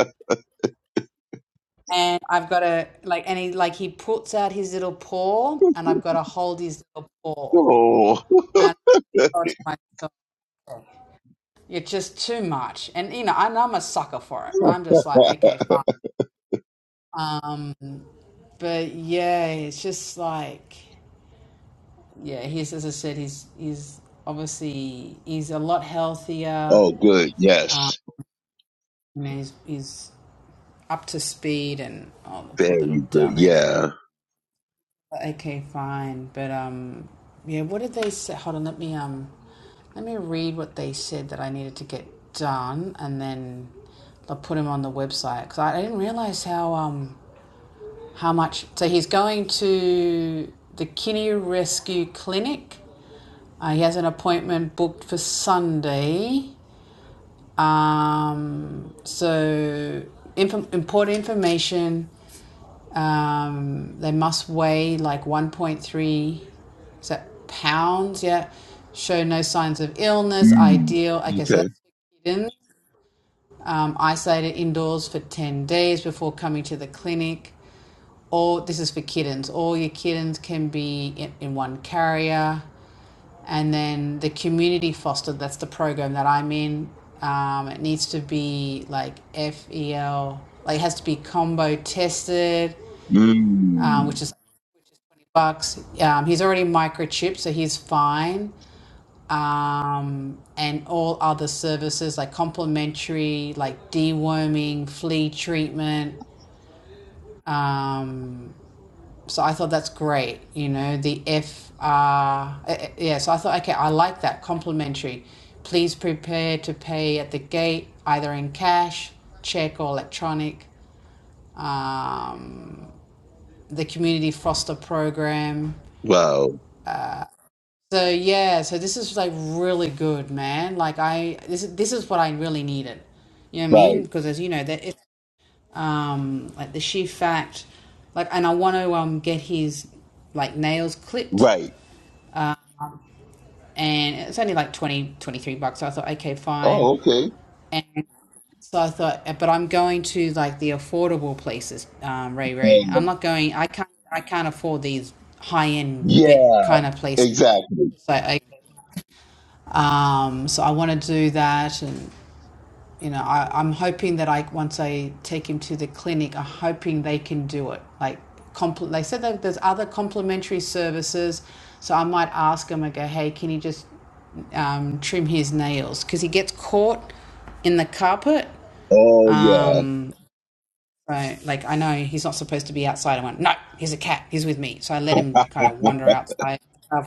A: and I've got to like, and he like he puts out his little paw, and I've got to hold his little paw,
B: Oh,
A: and I thought to myself, it's just too much. And you know, and I'm a sucker for it. I'm just like, okay, fine. Um, but yeah, it's just like, yeah, he's as I said, he's he's obviously he's a lot healthier.
B: oh, good. Yes.
A: You know, he's he's up to speed, and oh, the poor little
B: Very good.
A: darling, and
B: Yeah.
A: Okay, fine. But um yeah, what did they say? Hold on, let me um let me read what they said that I needed to get done and then I'll put him on the website cuz I, I didn't realize how um how much so he's going to the Kinney Rescue Clinic. Uh, he has an appointment booked for Sunday. Um so inf- important information um, they must weigh like 1.3 is that pounds. Yeah. Show no signs of illness.
B: Mm.
A: Ideal. Okay, so
B: Okay.
A: that's hidden. Um, isolated indoors for 10 days before coming to the clinic. All this is for kittens. All your kittens can be in, in one carrier. And then the community fostered, that's the program that I'm in. Um, it needs to be like FEL, like it has to be combo tested um,
B: Mm.
A: which is which is twenty bucks. Um, he's already microchipped, so he's fine. Um, and all other services like complimentary, like deworming, flea treatment. Um, so I thought that's great. You know, the FR, eh, eh, yeah. So I thought, okay, I like that complimentary. Please prepare to pay at the gate, either in cash, check, or electronic. Um, the community foster program
B: Wow.
A: So yeah, so this is like really good, man. Like I this is this is what I really needed. You know what I mean?
B: Right,
A: Because as you know, that it, um like the sheer fact like and I want to um get his like nails clipped
B: right.
A: and it's only like 20 23 bucks. So I thought okay, fine.
B: Oh, okay.
A: So I thought eh, but I'm going to like the affordable places, um Ray Ray.
B: Yeah.
A: I'm not going I can't I can't afford these high-end vet
B: yeah,
A: kind of places.
B: exactly.
A: It's like, okay. um, so I want to do that, and you know, I, I'm hoping that I once I take him to the clinic, I'm hoping they can do it. Like, compl- they said that there's other complementary services, so I might ask him. I go, hey, can you just um, trim his nails because he gets caught in the carpet.
B: Oh, yeah,
A: Um, so, like, I know he's not supposed to be outside. I went, no, he's a cat. He's with me. So I let him kind of wander outside. You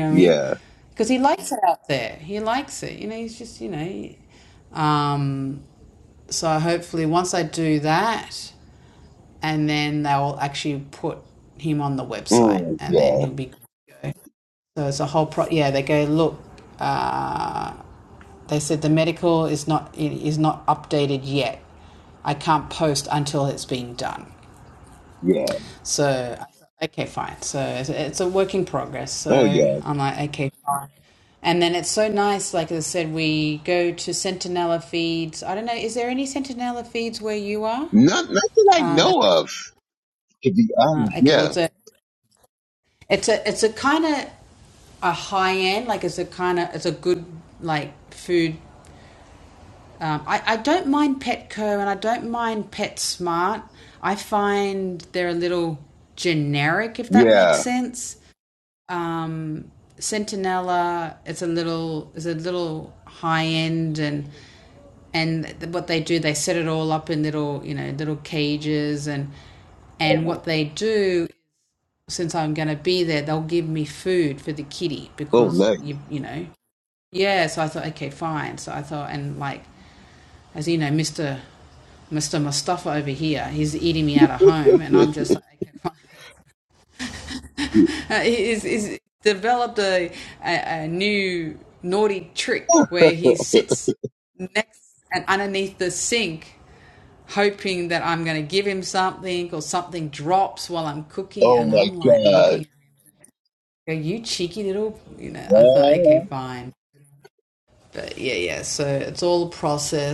A: know what I mean?
B: yeah.
A: Because he likes it out there. He likes it. You know, he's just, you know. Um, so hopefully, once I do that, and then they'll actually put him on the website,
B: Mm,
A: and then
B: yeah,
A: he'll be. So it's a whole pro. Yeah, they go look. Uh, they said the medical is not is not updated yet. I can't post until it's being done.
B: yeah.
A: So okay, fine. So it's, it's a work in progress.
B: Oh,
A: So
B: yeah.
A: I'm like, okay, fine. And then it's so nice. Like I said, we go to Centinela feeds. I don't know. Is there any Centinela feeds where you are?
B: Not, not that I
A: Um.
B: know of, to be
A: Uh,
B: honest.
A: okay, well,
B: Yeah,
A: it's a, it's a, it's a kind of a high end, like it's a kind of, it's a good like food. Um, I, I don't mind Petco and I don't mind PetSmart. I find they're a little generic, if that
B: yeah.
A: makes sense. Um, Centinela, it's a little, it's a little high end and and th- what they do they set it all up in little you know little cages and and
B: Oh,
A: what they do since I'm going to be there, they'll give me food for the kitty
B: Oh,
A: because
B: nice.
A: you you know. Yeah, so I thought, okay, fine. So I thought, and like, as you know, Mister Mister Mustafa over here, he's eating me out of home, and I'm just like, okay, fine. Uh, he's, he's developed a, a a new naughty trick where he sits next and underneath the sink, hoping that I'm going to give him something or something drops while I'm cooking,
B: oh
A: and
B: my
A: I'm like
B: God.
A: looking Go, you cheeky little, you know, I thought, okay,
B: Well,
A: fine. But yeah, yeah. So it's all a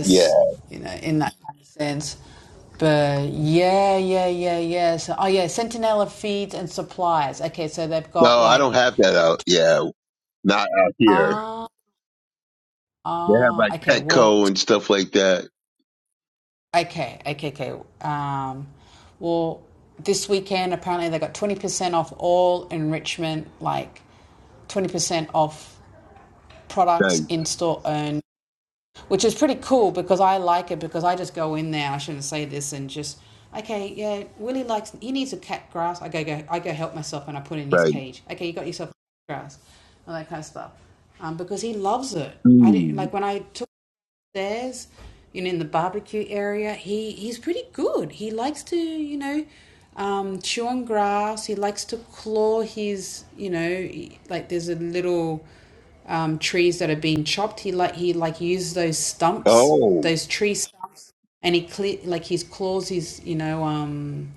B: yeah.
A: you know, in that kind of sense. But yeah, yeah, yeah, yeah. So, oh yeah, Sentinella feeds and supplies. Okay, so they've
B: No,
A: got
B: I
A: like,
B: don't have that out. Yeah, not out here.
A: ah,
B: They have like
A: ah, okay, well,
B: Petco and stuff like that.
A: t- okay, okay, okay. Um, well, this weekend apparently they got 20% off all enrichment, like 20% off
B: Right,
A: products in store owned which is pretty cool because I like it because I just go in there. I shouldn't say this and just okay, yeah. Willie likes he needs a cat grass. I go go I go help myself and I put in his
B: right.
A: cage. Okay, you got yourself grass, and that kind of stuff, um, because he loves it. I didn't
B: Mm.
A: like when I took there's, you know, in the barbecue area. He he's pretty good. He likes to, you know, um, chew on grass. He likes to claw his, you know, like there's a little um, trees that are being chopped. He like he like uses those stumps,
B: Oh,
A: those tree stumps, and he cle like his claws his you know um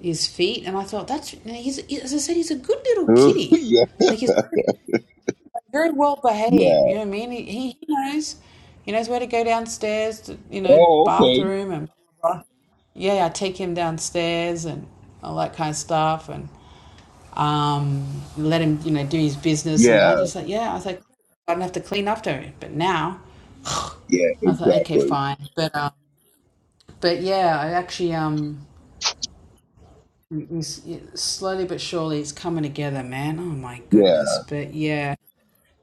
A: his feet. And I thought that's you know, he's as I said he's a good little kitty,
B: yeah,
A: like he's very very well behaved.
B: yeah.
A: You know what I mean? He, he he knows. He knows where to go downstairs to, you know,
B: Oh, okay.
A: bathroom and yeah, I take him downstairs and all that kind of stuff and um let him, you know, do his business and I
B: Yeah,
A: just like, yeah, I was like, I don't have to clean after him. But now
B: yeah,
A: I thought, okay,
B: exactly.
A: fine. But um but yeah, I actually um s- slowly but surely it's coming together, man. Oh my
B: Yeah.
A: goodness. But yeah.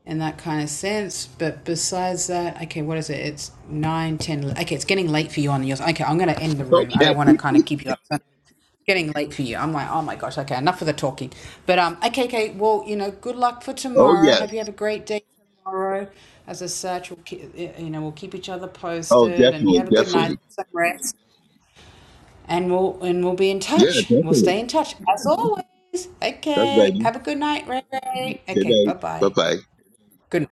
A: in that kind of sense. But besides that, okay, what is it? It's nine, ten. Okay, it's getting late for you on yours. Okay, I'm gonna end the room. I don't
B: Okay.
A: want to kind of keep you up. so It's getting late for you. I'm like, oh my gosh. Okay, enough of the talking. But um, okay, okay. Well, you know, good luck for
B: Oh,
A: tomorrow.
B: yes.
A: Hope you have a great day tomorrow. As a search, we'll keep, you know, we'll keep each other
B: Oh,
A: posted, and you
B: definitely,
A: have a good night,
B: definitely.
A: some rest, and we'll and we'll be in
B: Yeah,
A: touch. We'll
B: definitely.
A: stay in touch as always.
B: That's
A: Okay,
B: right.
A: have a good night, Ray Ray.
B: Good
A: Okay, bye
B: night. Bye
A: bye.
B: bye.
A: Good. night.